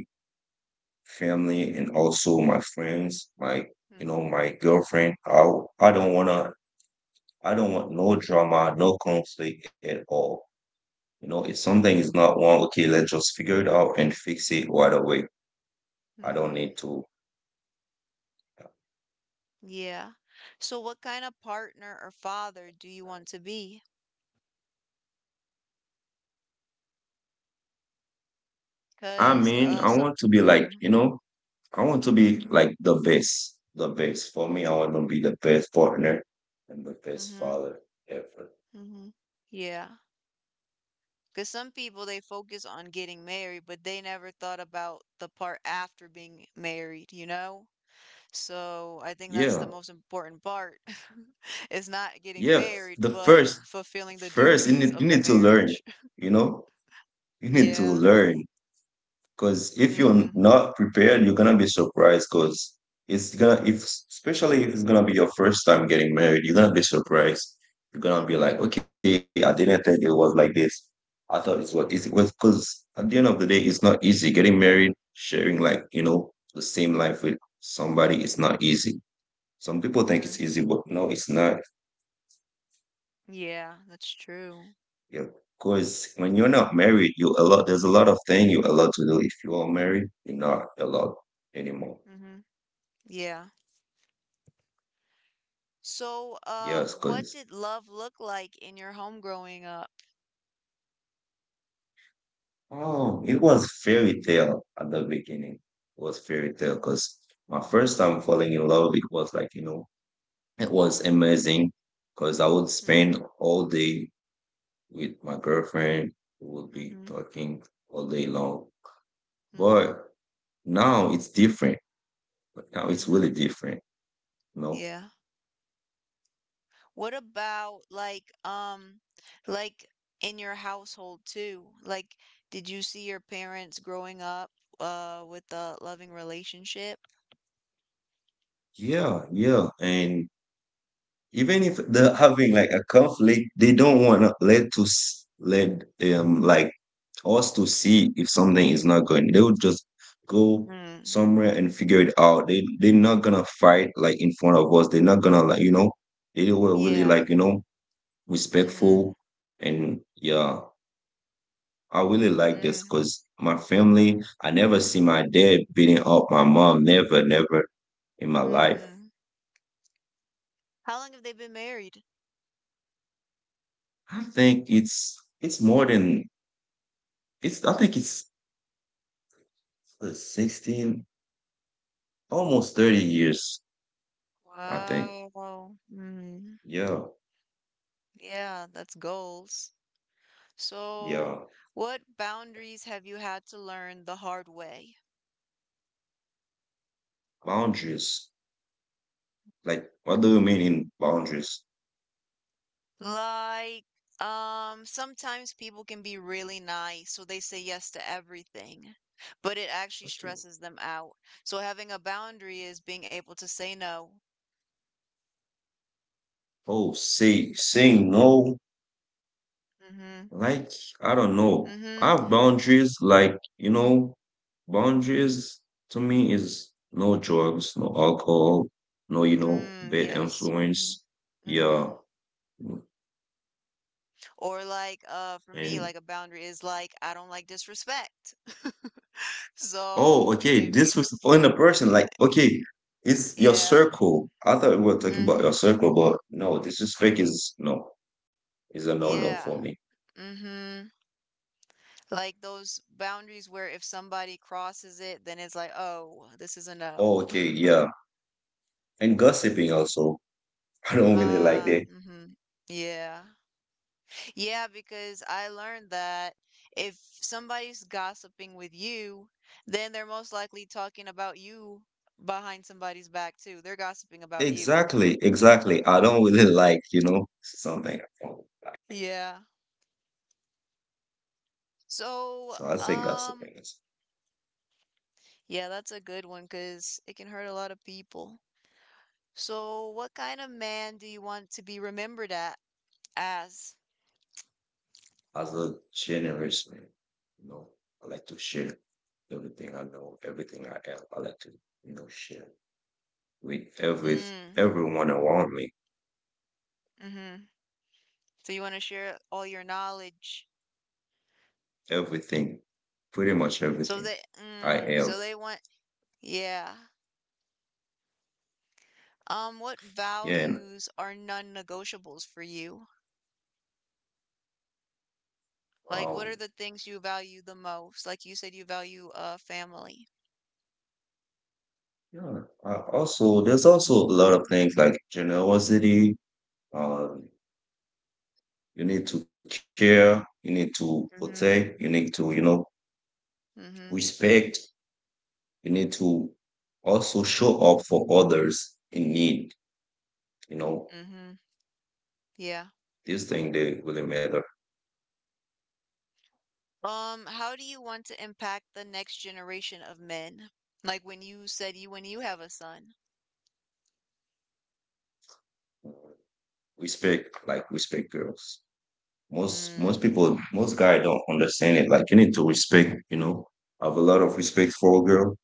Speaker 2: family and also my friends, my you know,
Speaker 1: Mm-hmm.
Speaker 2: my girlfriend. I don't wanna I don't want no drama, no conflict at all. You know, if something is not wrong, okay, let's just figure it out and fix it right away. I don't
Speaker 1: Mm-hmm.
Speaker 2: need to.
Speaker 1: Yeah. So, what kind of partner or father do you want to be?
Speaker 2: I
Speaker 1: Because,
Speaker 2: mean, I want to be like,
Speaker 1: mm,
Speaker 2: you know, I want to be like the best, the best. For me, I want to be the best partner and the best
Speaker 1: mm-hmm,
Speaker 2: father ever.
Speaker 1: mm-hmm. Yeah. Because some people they focus on getting married, but they never thought about the part after being married, you know? So I think that's the
Speaker 2: Yeah,
Speaker 1: most important part its not getting
Speaker 2: yeah.
Speaker 1: married,
Speaker 2: The
Speaker 1: but fulfilling the
Speaker 2: first,
Speaker 1: duties
Speaker 2: you
Speaker 1: of the
Speaker 2: need to learn,
Speaker 1: marriage.
Speaker 2: you know? You need to
Speaker 1: Yeah.
Speaker 2: learn because if you're
Speaker 1: Mm-hmm.
Speaker 2: not prepared, you're gonna be surprised because it's gonna if especially if it's gonna be your first time getting married, you're gonna be surprised. You're gonna be like,
Speaker 1: Mm-hmm.
Speaker 2: okay, I didn't think it was like this. I thought it's what it was because at the end of the day, it's not easy getting married, sharing like you know the same life with somebody. It's not easy. Some people think
Speaker 1: hmm
Speaker 2: it's easy, but no, it's not.
Speaker 1: Yeah, that's true.
Speaker 2: Yeah, because when you're not married, you a lot. There's a lot of thing you allowed to do. If you are married, you're not allowed anymore.
Speaker 1: Mm-hmm. Yeah. So,
Speaker 2: Yes,
Speaker 1: what
Speaker 2: because
Speaker 1: did love look like in your home growing up?
Speaker 2: oh, it was fairy tale at the beginning. It was fairy tale
Speaker 1: Mm-hmm.
Speaker 2: because my first time falling in love, it was like you know, it was amazing because I would
Speaker 1: Mm-hmm.
Speaker 2: spend all day with my girlfriend. We would be
Speaker 1: Mm-hmm.
Speaker 2: talking all day long.
Speaker 1: Mm-hmm.
Speaker 2: But now it's different. But now it's
Speaker 1: Mm-hmm.
Speaker 2: really different. You know?
Speaker 1: Yeah. What about like like in your household too? Like did you see your parents growing up with a loving relationship?
Speaker 2: Yeah, yeah, and even if they're having like a conflict, they don't want to let like us to see if something is not going. They would just go
Speaker 1: Mm.
Speaker 2: somewhere and figure it out. They they're not gonna fight like in front of us. They're not gonna like you know. They were really
Speaker 1: Yeah.
Speaker 2: like you know
Speaker 1: Mm-hmm.
Speaker 2: respectful and yeah. I really like this
Speaker 1: Mm-hmm.
Speaker 2: because my family. I never see my dad beating up my mom. Never, never in my life.
Speaker 1: Mm-hmm. How long have they been married?
Speaker 2: I think it's more than it's. I think it's 16, almost 30 years, I think.
Speaker 1: Wow. Mm.
Speaker 2: Yeah,
Speaker 1: Yeah, that's goals.
Speaker 2: yeah.
Speaker 1: So, what boundaries have you had to learn the hard way?
Speaker 2: Boundaries. Like, what do you mean in boundaries?
Speaker 1: Like, sometimes people can be really nice, so they say yes to everything, but it actually
Speaker 2: Okay.
Speaker 1: stresses them out. So having a boundary is being able to say no.
Speaker 2: Oh, saying no.
Speaker 1: Mm-hmm.
Speaker 2: Like, I don't know.
Speaker 1: Mm-hmm.
Speaker 2: I have boundaries. Like, you know, boundaries to me is no drugs, no alcohol, no, you know,
Speaker 1: Mm,
Speaker 2: bad
Speaker 1: yes. Mm-hmm.
Speaker 2: influence.
Speaker 1: Mm-hmm.
Speaker 2: Yeah.
Speaker 1: Or like, for me,
Speaker 2: And
Speaker 1: like a boundary is like, I don't like disrespect.
Speaker 2: oh,
Speaker 1: So
Speaker 2: okay,
Speaker 1: if you,
Speaker 2: this was on the person. Like, okay, it's your
Speaker 1: yeah.
Speaker 2: circle. I thought we were talking
Speaker 1: Mm,
Speaker 2: about your circle, but no, disrespect is no, is a no-no
Speaker 1: yeah.
Speaker 2: for me.
Speaker 1: Mm-hmm. Like those boundaries where if somebody crosses it, then it's like, oh, this is a no.
Speaker 2: Oh, okay, yeah. And gossiping also. I don't really like
Speaker 1: Ah,
Speaker 2: that.
Speaker 1: mm hmm Yeah. Yeah, because I learned that if somebody's gossiping with you, then they're most likely talking about you behind somebody's back too. They're gossiping about you.
Speaker 2: Exactly, exactly. I don't really
Speaker 1: Mm.
Speaker 2: like, you know, something I don't like.
Speaker 1: Yeah. So,
Speaker 2: So I say gossiping is
Speaker 1: yeah, that's a good one because it can hurt a lot of people. So, what kind of man do you want to be remembered at as?
Speaker 2: as a generous man. You know, I like to share everything I know, everything I have. I like to, you know, share with
Speaker 1: Mm,
Speaker 2: everyone around me.
Speaker 1: mhm. So you want to share all your knowledge.
Speaker 2: Everything, pretty much
Speaker 1: So
Speaker 2: everything
Speaker 1: they,
Speaker 2: I
Speaker 1: mm,
Speaker 2: have.
Speaker 1: so they want, yeah. What
Speaker 2: Yeah, and
Speaker 1: values are non-negotiables for you? Like, what
Speaker 2: um,
Speaker 1: are the things you value the most? Like you said, you value family.
Speaker 2: yeah. I also, there's also a lot of things like generosity. Um, you need to care. You need to protect. You
Speaker 1: Mhm.
Speaker 2: need to, you know,
Speaker 1: Mhm.
Speaker 2: respect. You need to also show up for others in need. You know,
Speaker 1: Mhm. Yeah.
Speaker 2: these things they really matter.
Speaker 1: How do you want to impact the next generation of men? Like when you said you when you have a son.
Speaker 2: Respect, like respect girls. Most
Speaker 1: Mm.
Speaker 2: people, most guys don't understand it. Like you need to respect, you know. I have a lot of respect for a girl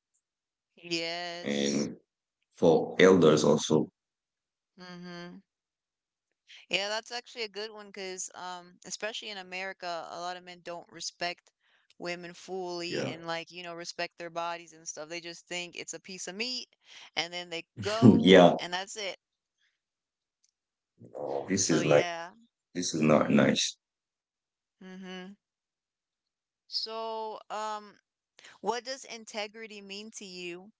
Speaker 1: Yes.
Speaker 2: and for elders also.
Speaker 1: Mm-hmm. Yeah, that's actually a good one because, especially in America, a lot of men don't respect women fully
Speaker 2: Yeah.
Speaker 1: and, respect their bodies and stuff. They just think it's a piece of meat and then they go
Speaker 2: yeah.
Speaker 1: and that's it.
Speaker 2: No, this
Speaker 1: So,
Speaker 2: is like
Speaker 1: yeah.
Speaker 2: this is not
Speaker 1: Mm-hmm.
Speaker 2: nice.
Speaker 1: Mm-hmm. So, what does integrity mean to you?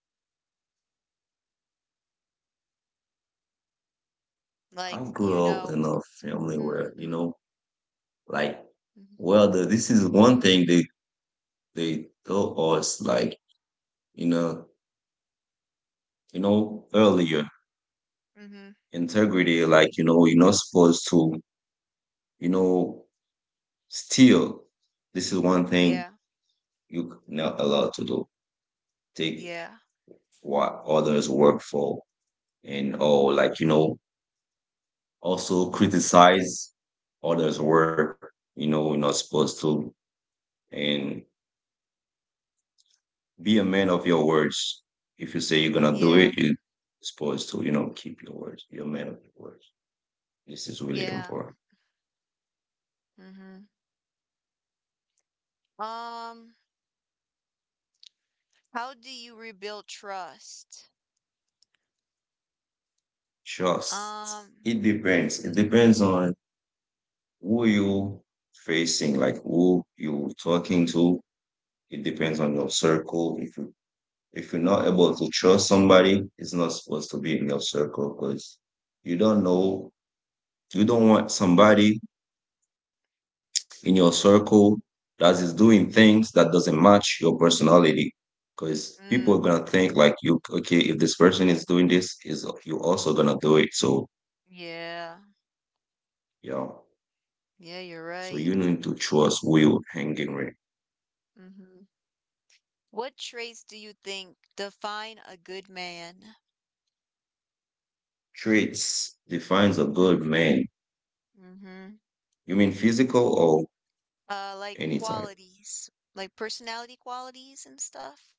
Speaker 2: I
Speaker 1: Like,
Speaker 2: grew
Speaker 1: you
Speaker 2: up
Speaker 1: know,
Speaker 2: in a family
Speaker 1: mm,
Speaker 2: where, you
Speaker 1: mm,
Speaker 2: know, like
Speaker 1: mm-hmm.
Speaker 2: well this is one thing they told us, like, you know, you know, earlier,
Speaker 1: Mm-hmm.
Speaker 2: integrity, like, you know, you're not supposed to, you know, steal. This is one thing
Speaker 1: Yeah.
Speaker 2: you're not allowed to do, take
Speaker 1: Yeah.
Speaker 2: what others work for, and or like, you know, also criticize others work, you know, you're not supposed to. And be a man of your words. If you say you're gonna do
Speaker 1: Yeah.
Speaker 2: it, you're supposed to, you know, keep your words, be a man of your words. This is really
Speaker 1: Yeah.
Speaker 2: important.
Speaker 1: Mm-hmm. Um, how do you rebuild trust?
Speaker 2: Trust,
Speaker 1: Um,
Speaker 2: it depends, it
Speaker 1: mhm,
Speaker 2: depends on who you facing, like who you talking to. It depends on your circle. If you're not able to trust somebody, it's not supposed to be in your circle because you don't know, you don't want somebody in your circle that is doing things that doesn't match your personality. Because people are gonna
Speaker 1: mm,
Speaker 2: think like you, okay, if this person is doing this, is you also gonna do it. So
Speaker 1: yeah,
Speaker 2: yeah,
Speaker 1: yeah, you're
Speaker 2: so
Speaker 1: right.
Speaker 2: you need to trust who you're hanging with.
Speaker 1: Hmm. What traits do you think define a good man?
Speaker 2: Traits defines a good man.
Speaker 1: Mm-hmm.
Speaker 2: You mean physical or any
Speaker 1: Like
Speaker 2: type?
Speaker 1: qualities, like personality qualities and stuff,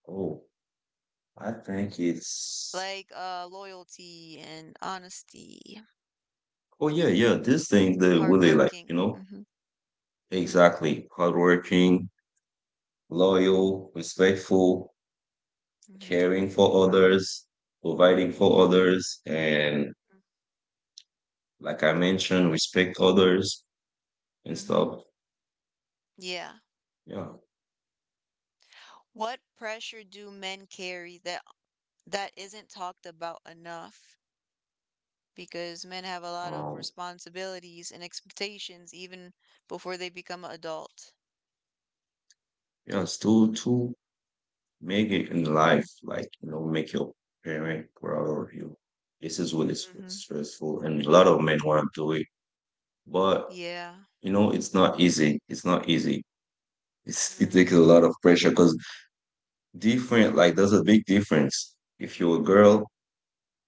Speaker 2: Oh, I think it's
Speaker 1: like loyalty and honesty,
Speaker 2: oh yeah, yeah. These things they really like,
Speaker 1: hardworking.
Speaker 2: you know,
Speaker 1: Mm-hmm, mm-hmm,
Speaker 2: exactly. Hardworking, loyal, respectful,
Speaker 1: mm-hmm,
Speaker 2: caring for others, providing for others, and like I mentioned, respect others and
Speaker 1: mm-hmm.
Speaker 2: stuff.
Speaker 1: Yeah.
Speaker 2: Yeah.
Speaker 1: What pressure do men carry that isn't talked about enough? Because men have a lot of
Speaker 2: Um,
Speaker 1: responsibilities and expectations even before they become an adult.
Speaker 2: yeah, it's to make it in life, like, you know, make your parent proud of you. This is what is
Speaker 1: Mm-hmm.
Speaker 2: stressful and a lot of men want to do it. But
Speaker 1: Yeah.
Speaker 2: you know, it's not easy. It's not easy. it's, it
Speaker 1: Mm-hmm.
Speaker 2: takes a lot of pressure because different, like there's a big difference. If you're a girl,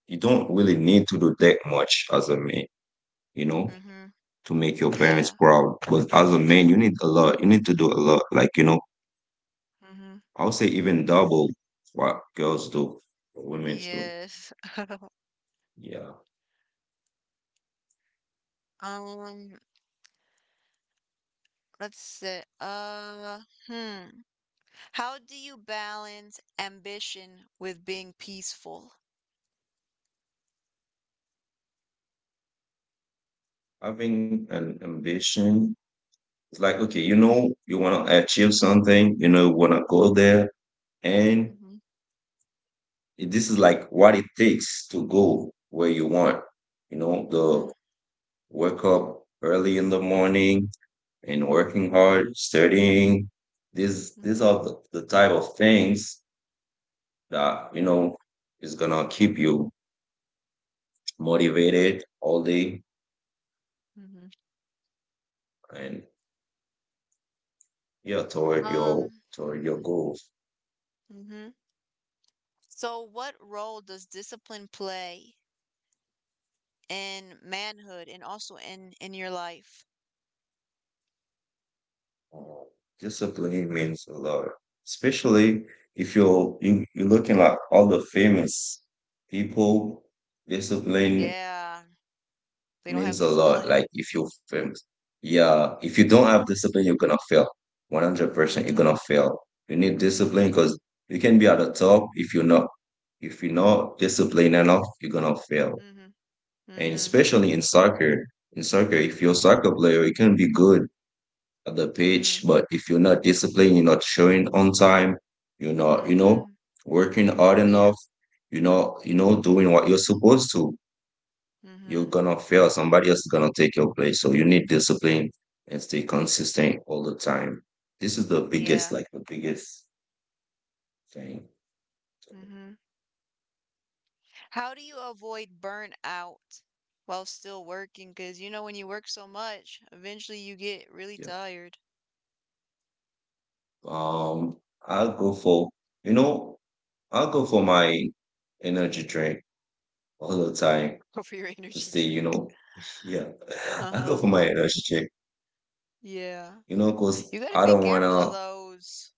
Speaker 2: you don't really need to do that much as a man, you know,
Speaker 1: Mm-hmm.
Speaker 2: to make your parents
Speaker 1: Yeah.
Speaker 2: proud. But as a man, you need a lot. You need to do a lot. Like, you know,
Speaker 1: Mm-hmm.
Speaker 2: I'll say even double what girls do, what women do.
Speaker 1: Yes.
Speaker 2: Yeah.
Speaker 1: Um, let's see. Hmm. How do you balance ambition with being peaceful?
Speaker 2: Having an ambition, it's like, okay, you know, you want to achieve something, you know, you want to go there. And
Speaker 1: Mm-hmm.
Speaker 2: this is like what it takes to go where you want, you know,
Speaker 1: Mm-hmm.
Speaker 2: the wake up early in the morning and working hard, studying. These
Speaker 1: Mm-hmm.
Speaker 2: are the type of things that, you know, is gonna keep you motivated all day
Speaker 1: Mm-hmm.
Speaker 2: and yeah
Speaker 1: Um,
Speaker 2: toward your goals.
Speaker 1: mm-hmm. So what role does discipline play in manhood and also in your life?
Speaker 2: Uh, Discipline means a lot, especially if you're looking at all the famous people. Discipline
Speaker 1: Yeah, they don't have
Speaker 2: means a lot.
Speaker 1: discipline.
Speaker 2: Like if you fail, yeah, if you don't have discipline, you're gonna fail. 100%, you're
Speaker 1: Mhm,
Speaker 2: gonna fail. You need discipline
Speaker 1: mhm,
Speaker 2: because you can be at the top. If you're not, if you're not disciplined enough, you're gonna fail.
Speaker 1: mhm,
Speaker 2: And
Speaker 1: mhm,
Speaker 2: especially in soccer, if you're a soccer player, you can be good at the pitch,
Speaker 1: mhm,
Speaker 2: but if you're not disciplined, you're not showing on time, you're not, you know,
Speaker 1: mhm.
Speaker 2: working hard
Speaker 1: Yeah,
Speaker 2: enough, you're not, you know, doing what you're supposed to. You're
Speaker 1: mhm,
Speaker 2: gonna fail. Somebody else is gonna take your place. So you need discipline and stay consistent all the time. This is the
Speaker 1: yeah,
Speaker 2: biggest, like the biggest thing.
Speaker 1: mhm. How do you avoid burnout while still working? Because you know, when you work so much, eventually you get really
Speaker 2: Yeah.
Speaker 1: tired.
Speaker 2: Um, I'll go for, you know, I'll go for my energy drink all the time
Speaker 1: Over your
Speaker 2: to
Speaker 1: energy
Speaker 2: stay, you
Speaker 1: drink.
Speaker 2: know, yeah. I go
Speaker 1: Uh-huh.
Speaker 2: for my energy drink,
Speaker 1: Yeah.
Speaker 2: you know, because
Speaker 1: You gotta
Speaker 2: I
Speaker 1: be
Speaker 2: don't
Speaker 1: careful of
Speaker 2: wanna.
Speaker 1: those.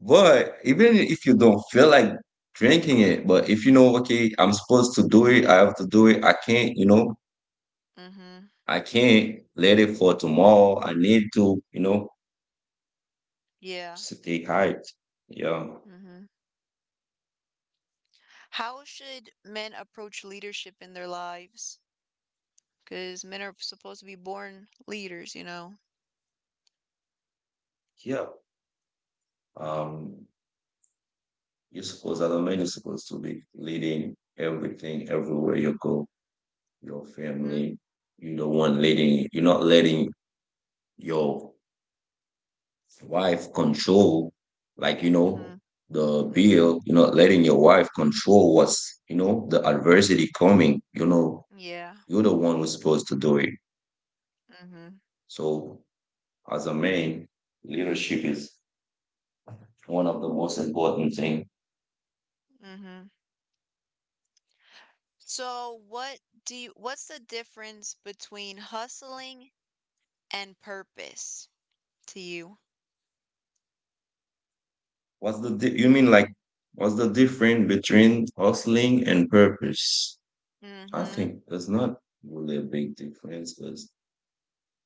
Speaker 2: But even if you don't feel like drinking it, but if you know, okay, I'm supposed to do it, I have to do it, I can't, you know,
Speaker 1: Hmm.
Speaker 2: I can't let it for tomorrow. I need to, you know,
Speaker 1: Yeah.
Speaker 2: stay hyped. Yeah.
Speaker 1: Hmm. How should men approach leadership in their lives? Because men are supposed to be born leaders, you know?
Speaker 2: Yeah. Um, you're supposed, as a man, you're supposed to be leading everything everywhere you go, your
Speaker 1: Mm hmm.
Speaker 2: family. You're the one leading, you're not letting your wife control, like, you
Speaker 1: Mm hmm.
Speaker 2: know, the
Speaker 1: Mm hmm.
Speaker 2: bill, you're not letting your wife control what's, you know, the adversity coming. You know,
Speaker 1: Yeah.
Speaker 2: you're the one who's supposed to do it.
Speaker 1: Mm hmm.
Speaker 2: So as a man, leadership is one of the most important thing.
Speaker 1: Mm hmm. So, what's the difference between hustling and purpose to you?
Speaker 2: What's the you mean like what's the difference between hustling and purpose?
Speaker 1: Mm
Speaker 2: I
Speaker 1: hmm.
Speaker 2: think there's not really a big difference because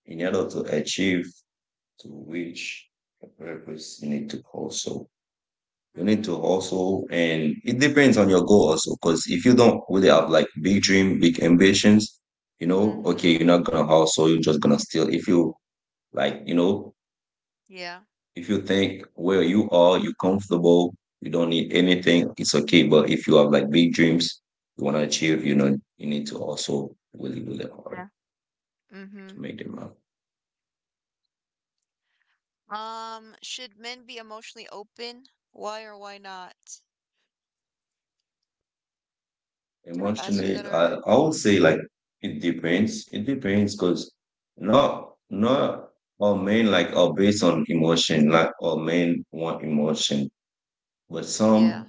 Speaker 2: in order to achieve to reach a purpose, you need to hustle. You
Speaker 1: Mm
Speaker 2: need
Speaker 1: hmm.
Speaker 2: to hustle, and it depends on your goal also. Because if you don't really have like big dream, big ambitions, you
Speaker 1: Mm
Speaker 2: know,
Speaker 1: hmm.
Speaker 2: okay, you're not gonna hustle. You're just gonna steal. If you like, you know,
Speaker 1: Yeah.
Speaker 2: if you think where you are, you're comfortable, you don't need anything, it's okay. But if you have like big dreams you want to achieve,
Speaker 1: Mhm.
Speaker 2: you know, you need to also really, really hard
Speaker 1: Yeah. Mm hmm.
Speaker 2: to make them happen.
Speaker 1: Should men be emotionally open? Why or why not? Did I ask you
Speaker 2: Emotionally,
Speaker 1: that already?
Speaker 2: I would
Speaker 1: Mm-hmm.
Speaker 2: say like it depends. It depends because
Speaker 1: Mm-hmm.
Speaker 2: not all men like are based on emotion, like all men want emotion. But
Speaker 1: Yeah.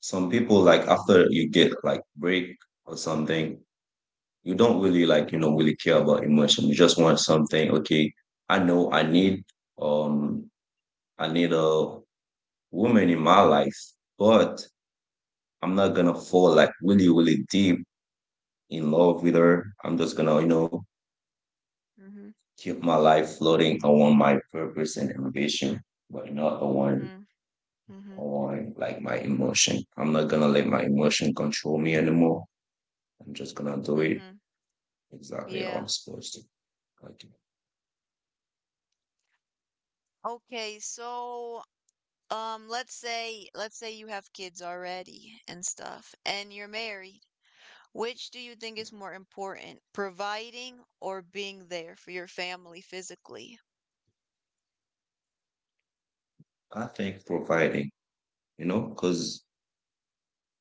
Speaker 2: some people like after you get like break or something, you don't really like, you know, really care about emotion. You just want something. Okay, I know um I need a woman in my life, but I'm not gonna fall like really really deep in love with her. I'm just gonna, you know,
Speaker 1: Mm-hmm.
Speaker 2: keep my life floating around my purpose and ambition, but not around
Speaker 1: Mm-hmm. Mm-hmm.
Speaker 2: on like my emotion. I'm not gonna let my emotion control me anymore. I'm just gonna do it
Speaker 1: Mm-hmm.
Speaker 2: exactly how
Speaker 1: Yeah.
Speaker 2: I'm supposed to. Like
Speaker 1: Okay, so let's say you have kids already and stuff and you're married. Which do you think is more important, providing or being there for your family physically?
Speaker 2: I think providing, you know, because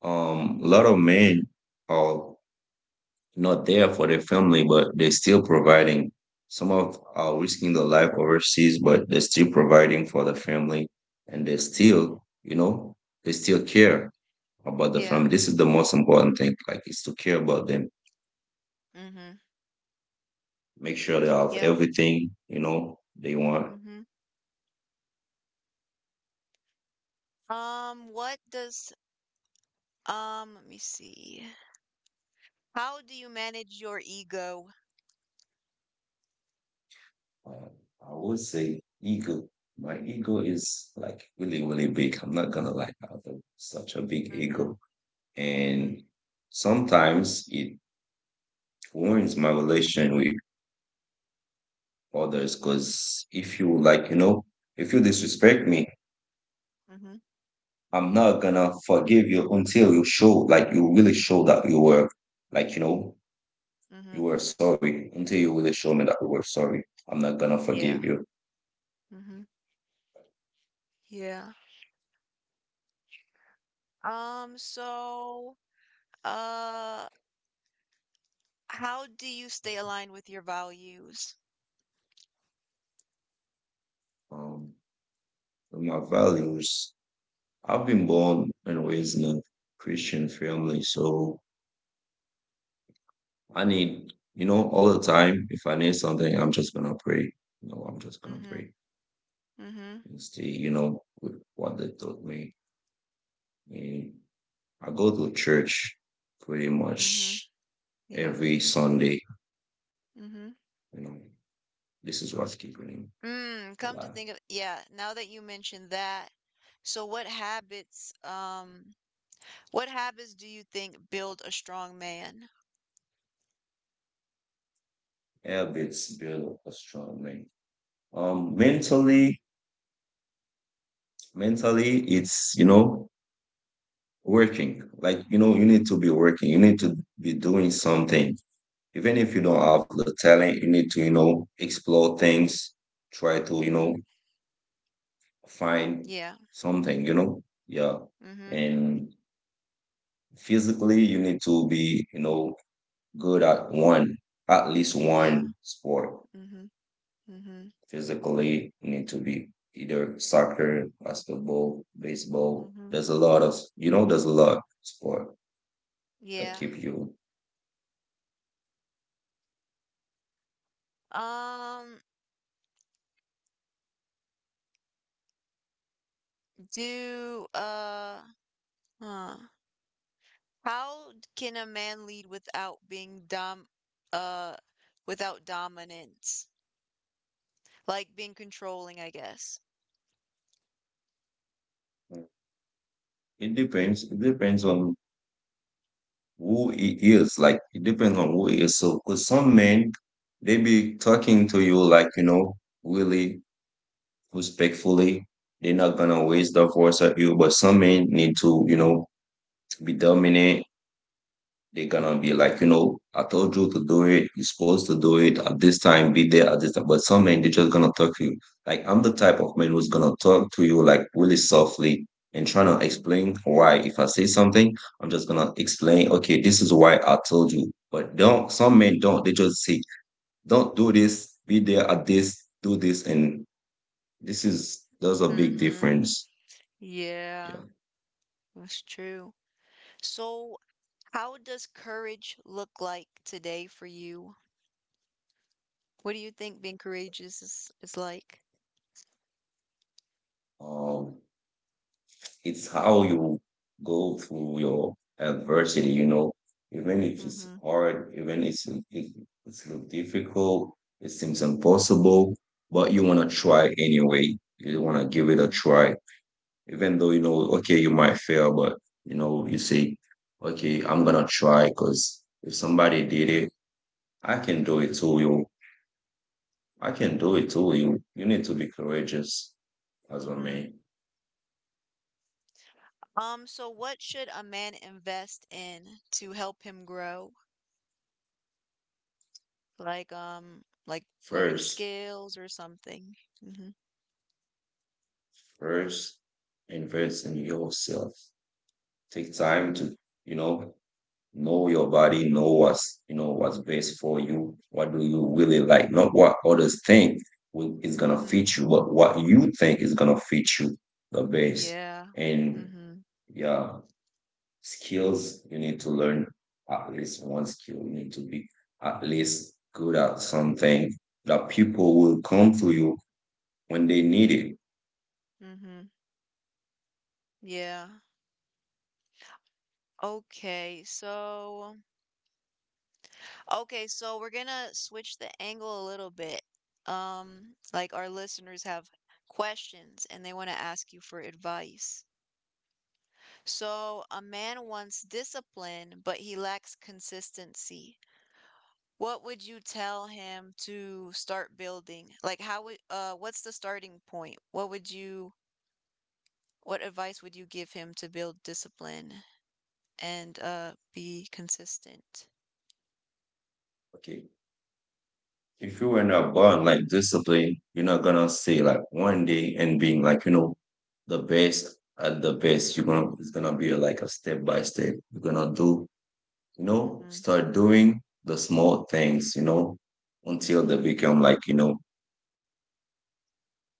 Speaker 2: A lot of men are not there for their family, but they're still providing. Some of are risking their life overseas, but they're still providing for the family, and they
Speaker 1: Mhm.
Speaker 2: still, you know, they still care about the
Speaker 1: Yeah.
Speaker 2: family. This is the most important thing, like, is to care about them,
Speaker 1: Mhm.
Speaker 2: make sure they have
Speaker 1: Yeah.
Speaker 2: everything, you know, they want.
Speaker 1: Mhm. What does let me see. How do you manage your ego?
Speaker 2: Uh, I would say ego. My ego is like really, really big. I'm not gonna like have a, such a big
Speaker 1: Mhm.
Speaker 2: ego
Speaker 1: Mhm.
Speaker 2: and sometimes it ruins my relation with others because if you like, you know, if you disrespect me,
Speaker 1: Mhm.
Speaker 2: I'm not gonna forgive you until you show, like you really show that you were like, you know,
Speaker 1: Mhm.
Speaker 2: you were sorry, until you really show me that you were sorry, I'm not gonna forgive
Speaker 1: Yeah.
Speaker 2: you.
Speaker 1: Mhm. Yeah. So uh how do you stay aligned with your values?
Speaker 2: um my values, I've been born and raised in a Christian family, so I need, you know, all the time, if I need something, I'm just gonna pray. No, I'm just gonna
Speaker 1: Mhm,
Speaker 2: pray
Speaker 1: mhm,
Speaker 2: and stay, you know, with what they taught me. And I go to church pretty
Speaker 1: mhm,
Speaker 2: much
Speaker 1: yeah,
Speaker 2: every Sunday.
Speaker 1: mhm.
Speaker 2: You know, this is what's keeping me
Speaker 1: Mm, come to
Speaker 2: alive.
Speaker 1: think of yeah, now that you mentioned that, so what habits do you think build a strong man?
Speaker 2: Habits build a strong man. Mentally, mentally, it's, you know, working. Like, you know, you need to be working. You need to be doing something even if you don't
Speaker 1: Mhm,
Speaker 2: have the talent, you need to, you know, explore things, try to, you know,
Speaker 1: mhm,
Speaker 2: find
Speaker 1: yeah,
Speaker 2: something, you know, yeah.
Speaker 1: mhm,
Speaker 2: And physically, you need to be, you know, good at one, at least
Speaker 1: yeah,
Speaker 2: one sport.
Speaker 1: mhm, mhm,
Speaker 2: Physically, you need to be either soccer, basketball, baseball.
Speaker 1: mhm,
Speaker 2: There's a lot of, you know, there's a lot of sport that
Speaker 1: yeah.
Speaker 2: keep you.
Speaker 1: Um, do, huh. Can a man lead without being dom uh without dominance? Like being controlling, I guess.
Speaker 2: It depends. It depends on who it is. Like it depends on who it is. So, cause some men they be talking to you like, you know, really respectfully. They're not gonna waste their force at you. But some men need to, you know, be dominant. They're gonna be like, you know, I told you to do it. You're supposed to do it at this time. Be there at this time. But some men, they're just gonna talk to you. Like I'm the type of man who's gonna talk to you like really softly and trying to
Speaker 1: Mm-hmm.
Speaker 2: explain why. If I say something, I'm just gonna explain. Okay, this is why I told you. But don't. Some men don't. They just say, don't do this. Be there at this. Do this, and this is there's a big
Speaker 1: Mm-hmm.
Speaker 2: difference.
Speaker 1: Yeah,
Speaker 2: Yeah.
Speaker 1: that's true. So, how does courage look like today for you? What do you think being courageous is like?
Speaker 2: Um. It's how you go through your adversity, you know, even if it's
Speaker 1: Mm-hmm.
Speaker 2: hard, even if it's a little difficult, it seems impossible, but you want to try anyway. You want to give it a
Speaker 1: Mm-hmm.
Speaker 2: try, even though you know, okay, you might fail, but you know, you say, okay, I'm gonna try because if somebody did it, I can do it too. I can do it too. You need to be courageous as a
Speaker 1: Mm-hmm.
Speaker 2: man
Speaker 1: So what should a man invest in to help him grow? Like um like learning
Speaker 2: first
Speaker 1: skills or something. Mm-hmm.
Speaker 2: First, invest in yourself. Take time to, you know your body, you know, what's best for you. What do you really
Speaker 1: Mhm,
Speaker 2: like? Not what others think is gonna
Speaker 1: mhm.
Speaker 2: fit you, but what you think is gonna fit you the best.
Speaker 1: Yeah.
Speaker 2: And
Speaker 1: Mhm,
Speaker 2: yeah, skills you need to learn at least one skill. You need to be at least good at something that people will come to you when they need it.
Speaker 1: mhm. Yeah. Okay. So, okay, so we're gonna switch the angle a little bit. Like our listeners have questions and they want to ask you for advice. So, a man wants discipline, but he lacks consistency. What would you tell him to start building? Like how would what's the starting point? What advice would you give him to build discipline and be consistent?
Speaker 2: Okay, if you were not born like disciplined, you're not gonna say like one day and being like, you know, the best at the best. You're
Speaker 1: Mhm,
Speaker 2: gonna it's gonna be like a step by step. You're gonna do, you know,
Speaker 1: mhm,
Speaker 2: start doing the small things, you know, until they
Speaker 1: mhm,
Speaker 2: become like, you know,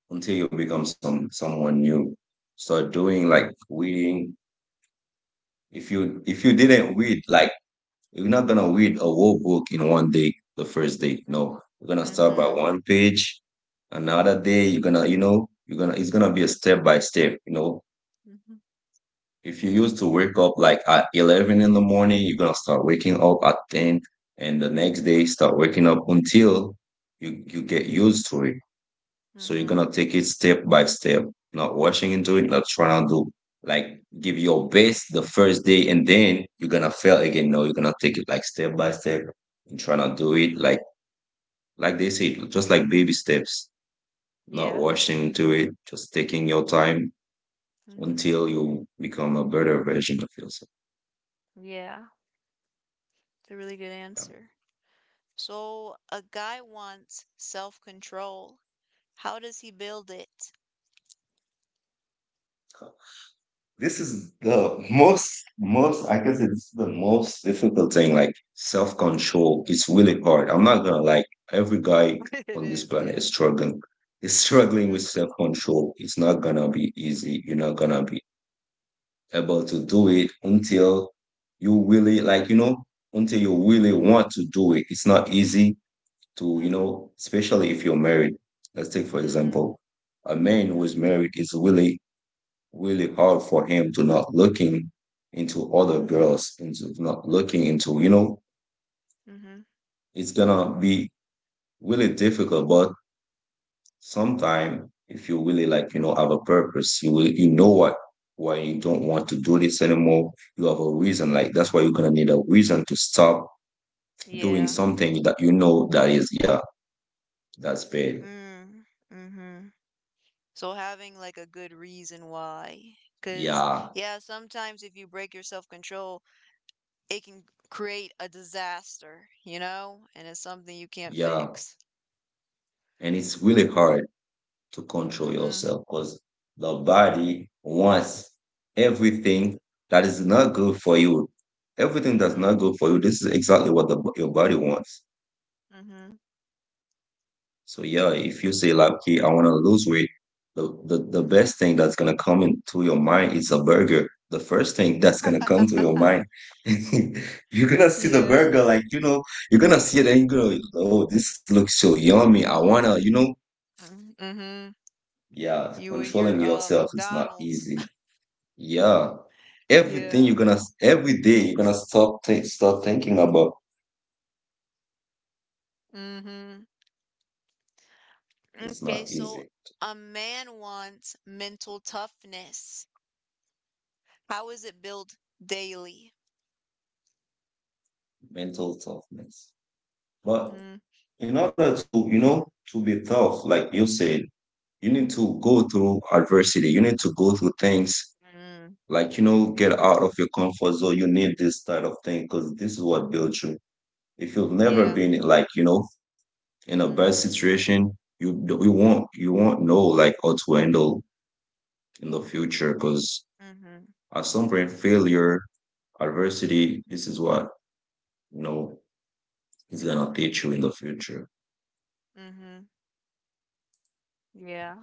Speaker 2: until you become someone new. Start doing like reading. If you didn't read like, you're not gonna read a whole book in one day, the first day.
Speaker 1: mhm,
Speaker 2: No, you're gonna start by
Speaker 1: mhm,
Speaker 2: one page. Another day, you're gonna, you know, you're gonna. It's gonna be a
Speaker 1: mhm,
Speaker 2: step by step. You know,
Speaker 1: mhm,
Speaker 2: if you used to wake up like at 11 in the morning, you're gonna start waking up at ten, and the next day
Speaker 1: mhm,
Speaker 2: start waking up until you get used to it. So you're
Speaker 1: mhm.
Speaker 2: gonna take it step by step, not rushing into it,
Speaker 1: Yeah.
Speaker 2: not trying to do like give your best the first day and then you're gonna fail again. No, you're gonna take it like step by step and try to do it like they
Speaker 1: Mhm,
Speaker 2: said, just like baby steps, not
Speaker 1: yeah.
Speaker 2: rushing into
Speaker 1: Mhm,
Speaker 2: it, just taking your time
Speaker 1: mhm,
Speaker 2: until you become a better version of yourself.
Speaker 1: yeah. It's a really good
Speaker 2: Yeah.
Speaker 1: answer. So a guy wants self-control. How does he build it?
Speaker 2: This is the most, most, I guess it's the most difficult thing, like self control. It's really hard. I'm not gonna like every guy
Speaker 1: It
Speaker 2: on this
Speaker 1: is,
Speaker 2: planet
Speaker 1: yeah.
Speaker 2: is struggling. Is struggling with
Speaker 1: Mm-hmm.
Speaker 2: self control. It's not gonna be easy. You're not gonna be able to do it until you really like, you know, until you really
Speaker 1: Mm-hmm.
Speaker 2: want to do it. It's not easy to, you
Speaker 1: Mm-hmm,
Speaker 2: know, especially if you're married. Let's take for
Speaker 1: mhm,
Speaker 2: example, a man who is
Speaker 1: mhm,
Speaker 2: married is really really hard for him to not looking into other
Speaker 1: mhm,
Speaker 2: girls, into not
Speaker 1: mm,
Speaker 2: looking into, you know,
Speaker 1: mhm,
Speaker 2: it's gonna be really difficult, but sometime if you really like, you know, have a purpose, you will, you know what, why you don't want
Speaker 1: mhm,
Speaker 2: to do this anymore, you have a reason, like
Speaker 1: mhm.
Speaker 2: that's why you're gonna need a reason to stop doing
Speaker 1: Yeah.
Speaker 2: something that you know that is, yeah, that's bad.
Speaker 1: Mm, mhm. So having like a good reason why, cause
Speaker 2: Yeah,
Speaker 1: yeah, sometimes if you break your self-control, it can create a disaster, you know? And it's something you can't
Speaker 2: yeah,
Speaker 1: fix.
Speaker 2: and it's really hard to control
Speaker 1: Mhm,
Speaker 2: yourself because the body wants everything that is not good for you. Everything that's not
Speaker 1: mhm,
Speaker 2: good for you, this is exactly what your body wants.
Speaker 1: mhm,
Speaker 2: So yeah, if you say like, okay, I want to lose weight, the
Speaker 1: mhm.
Speaker 2: best thing that's gonna come into your mind is a burger. The first thing that's gonna come to your mind, you're gonna see the
Speaker 1: Yeah.
Speaker 2: burger, like, you know, you're gonna see it and you go, oh, this looks so yummy. I wanna, you know,
Speaker 1: Mm, mhm.
Speaker 2: yeah,
Speaker 1: You and your
Speaker 2: controlling yourself is not
Speaker 1: McDonald's.
Speaker 2: easy. Yeah,
Speaker 1: Yeah.
Speaker 2: everything you're gonna, every day you're gonna start thinking about.
Speaker 1: Mhm.
Speaker 2: It's
Speaker 1: Okay,
Speaker 2: not
Speaker 1: so
Speaker 2: easy.
Speaker 1: a man wants mental toughness. How is it built daily?
Speaker 2: Mental toughness.
Speaker 1: Mm-hmm.
Speaker 2: But in order to, you know, to be tough, like you said, you need to go through adversity. You need to go through things
Speaker 1: Mm,
Speaker 2: like, you know, get out of your comfort zone. You need this type of thing because this is what built you. If you've never
Speaker 1: yeah.
Speaker 2: been like, you know, in a bad
Speaker 1: Mm-hmm.
Speaker 2: situation, you won't, you won't know like how to handle in the future, because
Speaker 1: Mm-hmm.
Speaker 2: at some point failure, adversity, this is what, you know, is gonna teach you in the future.
Speaker 1: Mm-hmm. Yeah.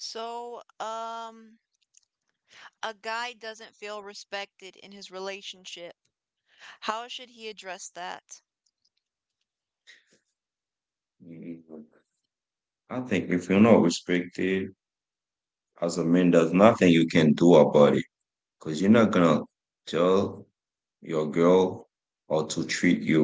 Speaker 1: So, a guy doesn't feel respected in his relationship. How should he address that?
Speaker 2: Mhm. I think if you're not respected as a man, there's nothing you can do about it, because you're not gonna tell your girl how to treat you.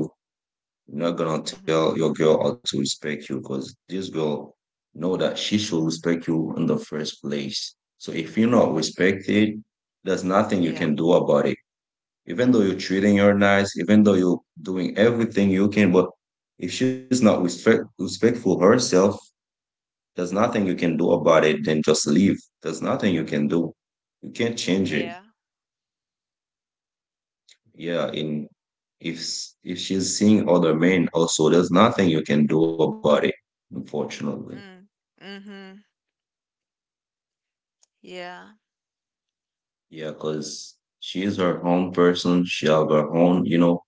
Speaker 2: You're not gonna
Speaker 1: Mm-hmm.
Speaker 2: tell your girl how to respect you, because this girl know that she should
Speaker 1: Mm-hmm.
Speaker 2: respect you in the first place. So if you're not
Speaker 1: Mm-hmm.
Speaker 2: respected, there's nothing you
Speaker 1: Yeah.
Speaker 2: can do about it, even though you're
Speaker 1: Mm-hmm.
Speaker 2: treating her nice, even though you're doing everything you can, but if she's not respectful herself, there's nothing
Speaker 1: Mm-hmm.
Speaker 2: you can do about it. Then just leave. There's nothing you can do. You can't change it.
Speaker 1: Yeah.
Speaker 2: Yeah, in if she's seeing other men also, there's nothing you can do about it. Unfortunately,
Speaker 1: Mm. Mm-hmm. Yeah.
Speaker 2: yeah, because she is her own person. She have her own, you know,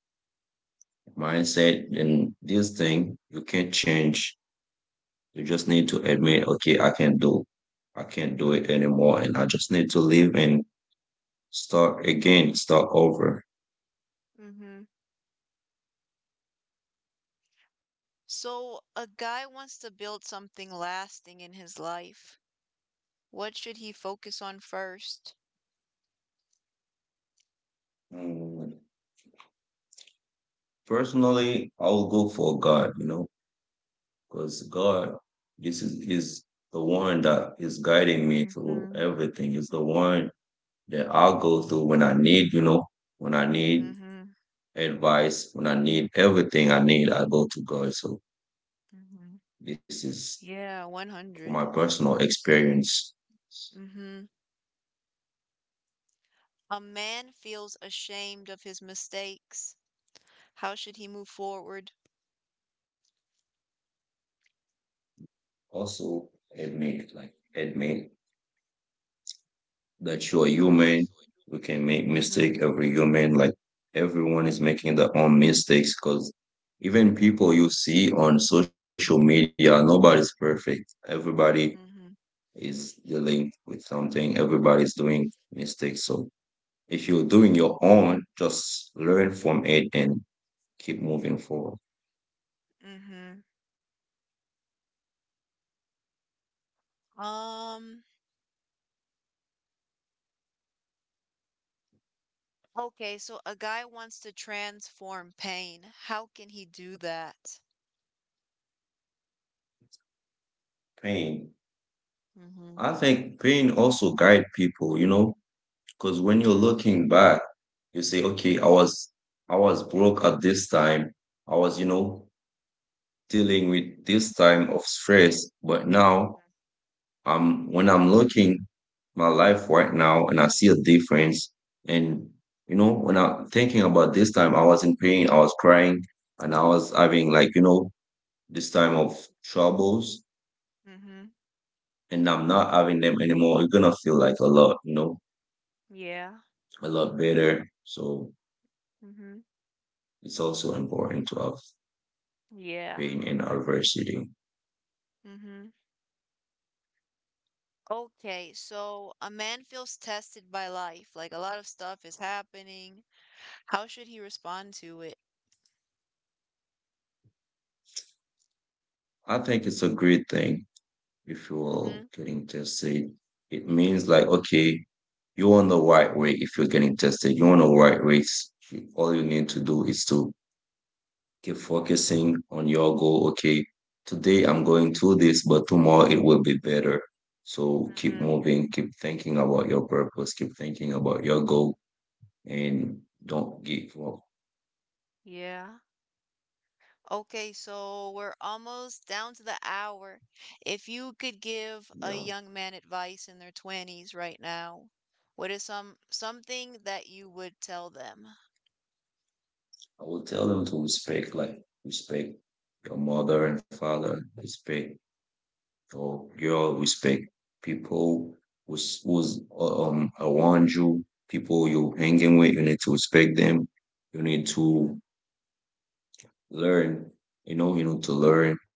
Speaker 2: mindset, and this thing you can't change. You just need to admit, okay, I can't do it anymore, and I just need to leave and start again, start over.
Speaker 1: Mm-hmm. So a guy wants to build something lasting in his life. What should he focus on first?
Speaker 2: Mm, personally, I'll go for God, you know, because God, this is the one that is guiding me through
Speaker 1: Mm-hmm.
Speaker 2: everything. Is the one that I'll go through when I need, you know, when I need
Speaker 1: Mm-hmm.
Speaker 2: advice, when I need everything I need, I go to God. So
Speaker 1: Mm-hmm.
Speaker 2: this is
Speaker 1: Yeah,
Speaker 2: for my
Speaker 1: 100.
Speaker 2: personal experience.
Speaker 1: Mm-hmm. A man feels ashamed of his mistakes. How should he move forward?
Speaker 2: Also admit, admit that you're human. We can make mistake.
Speaker 1: Mm-hmm.
Speaker 2: Every human, like everyone is making their own mistakes, because even people you see on social media, nobody's perfect. Everybody
Speaker 1: Mm-hmm.
Speaker 2: is dealing with something. Everybody's doing mistakes. So if you're doing your own, just learn from it and keep moving forward.
Speaker 1: Mm-hmm. Um, okay, so a guy wants to transform pain. How can he do that?
Speaker 2: Pain.
Speaker 1: Mm-hmm.
Speaker 2: I think pain also guide people, you know, because when you're looking back, you say, okay, I was broke at this time. I was, you know, dealing with this time of stress. But now
Speaker 1: Mm-hmm.
Speaker 2: I'm when I'm looking my life right now and I see a difference. And you know, when I'm thinking about this time, I was in pain, I was crying, and I was having like, you know, this time of troubles,
Speaker 1: Mm-hmm.
Speaker 2: and I'm not having them anymore. You're gonna feel like a lot, you know,
Speaker 1: Yeah.
Speaker 2: a lot better. So
Speaker 1: Mm-hmm.
Speaker 2: it's also important to have,
Speaker 1: Yeah.
Speaker 2: being in adversity.
Speaker 1: Mm-hmm. Okay, so a man feels tested by life, like a lot of stuff is happening. How should he respond to it?
Speaker 2: I think it's a great thing if you're
Speaker 1: Mm-hmm.
Speaker 2: getting tested. It means like, okay, you're on the right way if you're getting tested. You're on the right race. All you need to do is to keep focusing on your goal. Okay, today I'm going through this, but tomorrow it will be better. So keep
Speaker 1: Mm-hmm.
Speaker 2: moving, keep thinking about your purpose, keep thinking about your goal, and don't give up.
Speaker 1: Yeah. Okay, so we're almost down to the hour. If you could give a
Speaker 2: Yeah.
Speaker 1: young man advice in their 20s right now, what is something that you would tell them?
Speaker 2: I will tell them to respect your mother and father, respect your girl, respect people who's around you, people you're hanging with. You need to respect them. You need
Speaker 1: Mm-hmm.
Speaker 2: to learn. You know, you need to learn.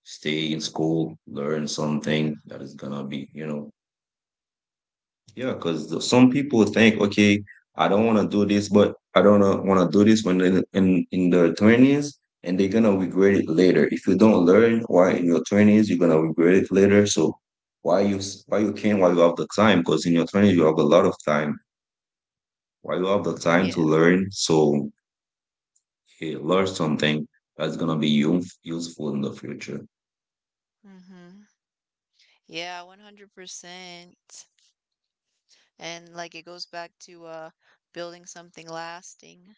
Speaker 2: Stay in school, learn
Speaker 1: Yeah.
Speaker 2: something that is gonna be, you know, yeah, because some people think, okay, I don't want to do this, but I don't want to do this when they're in their 20s, and they're going to regret it later. If you don't learn why in your 20s, you're going to regret it later. So why you can, why you have the time? Because in your 20s, you have a lot of time. Why you have the time to
Speaker 1: Yeah.
Speaker 2: learn? So eh, learn something that's going to be useful in the future.
Speaker 1: Mm-hmm. Yeah, 100%. And like it goes back to building something lasting.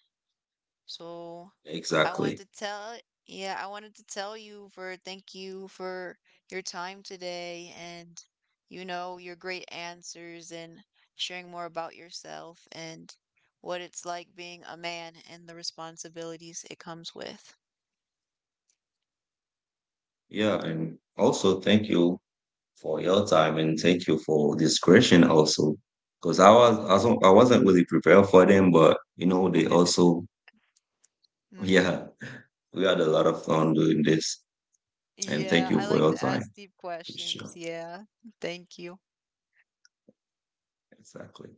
Speaker 1: So I
Speaker 2: Exactly.
Speaker 1: wanted to tell yeah, I wanted to tell you for thank you for your time today and you know your great answers and sharing more about yourself and what it's like being a man and the responsibilities it comes with.
Speaker 2: Yeah, and also thank you for your time and thank you for this question also, because I was
Speaker 1: Hmm.
Speaker 2: also, I wasn't really prepared for them, but you know they also,
Speaker 1: Mm.
Speaker 2: yeah, we had a lot of fun doing this and thank
Speaker 1: Yeah,
Speaker 2: you
Speaker 1: I
Speaker 2: for
Speaker 1: like
Speaker 2: your
Speaker 1: to ask
Speaker 2: time.
Speaker 1: deep questions.
Speaker 2: Sure,
Speaker 1: Yeah. Thank you.
Speaker 2: exactly.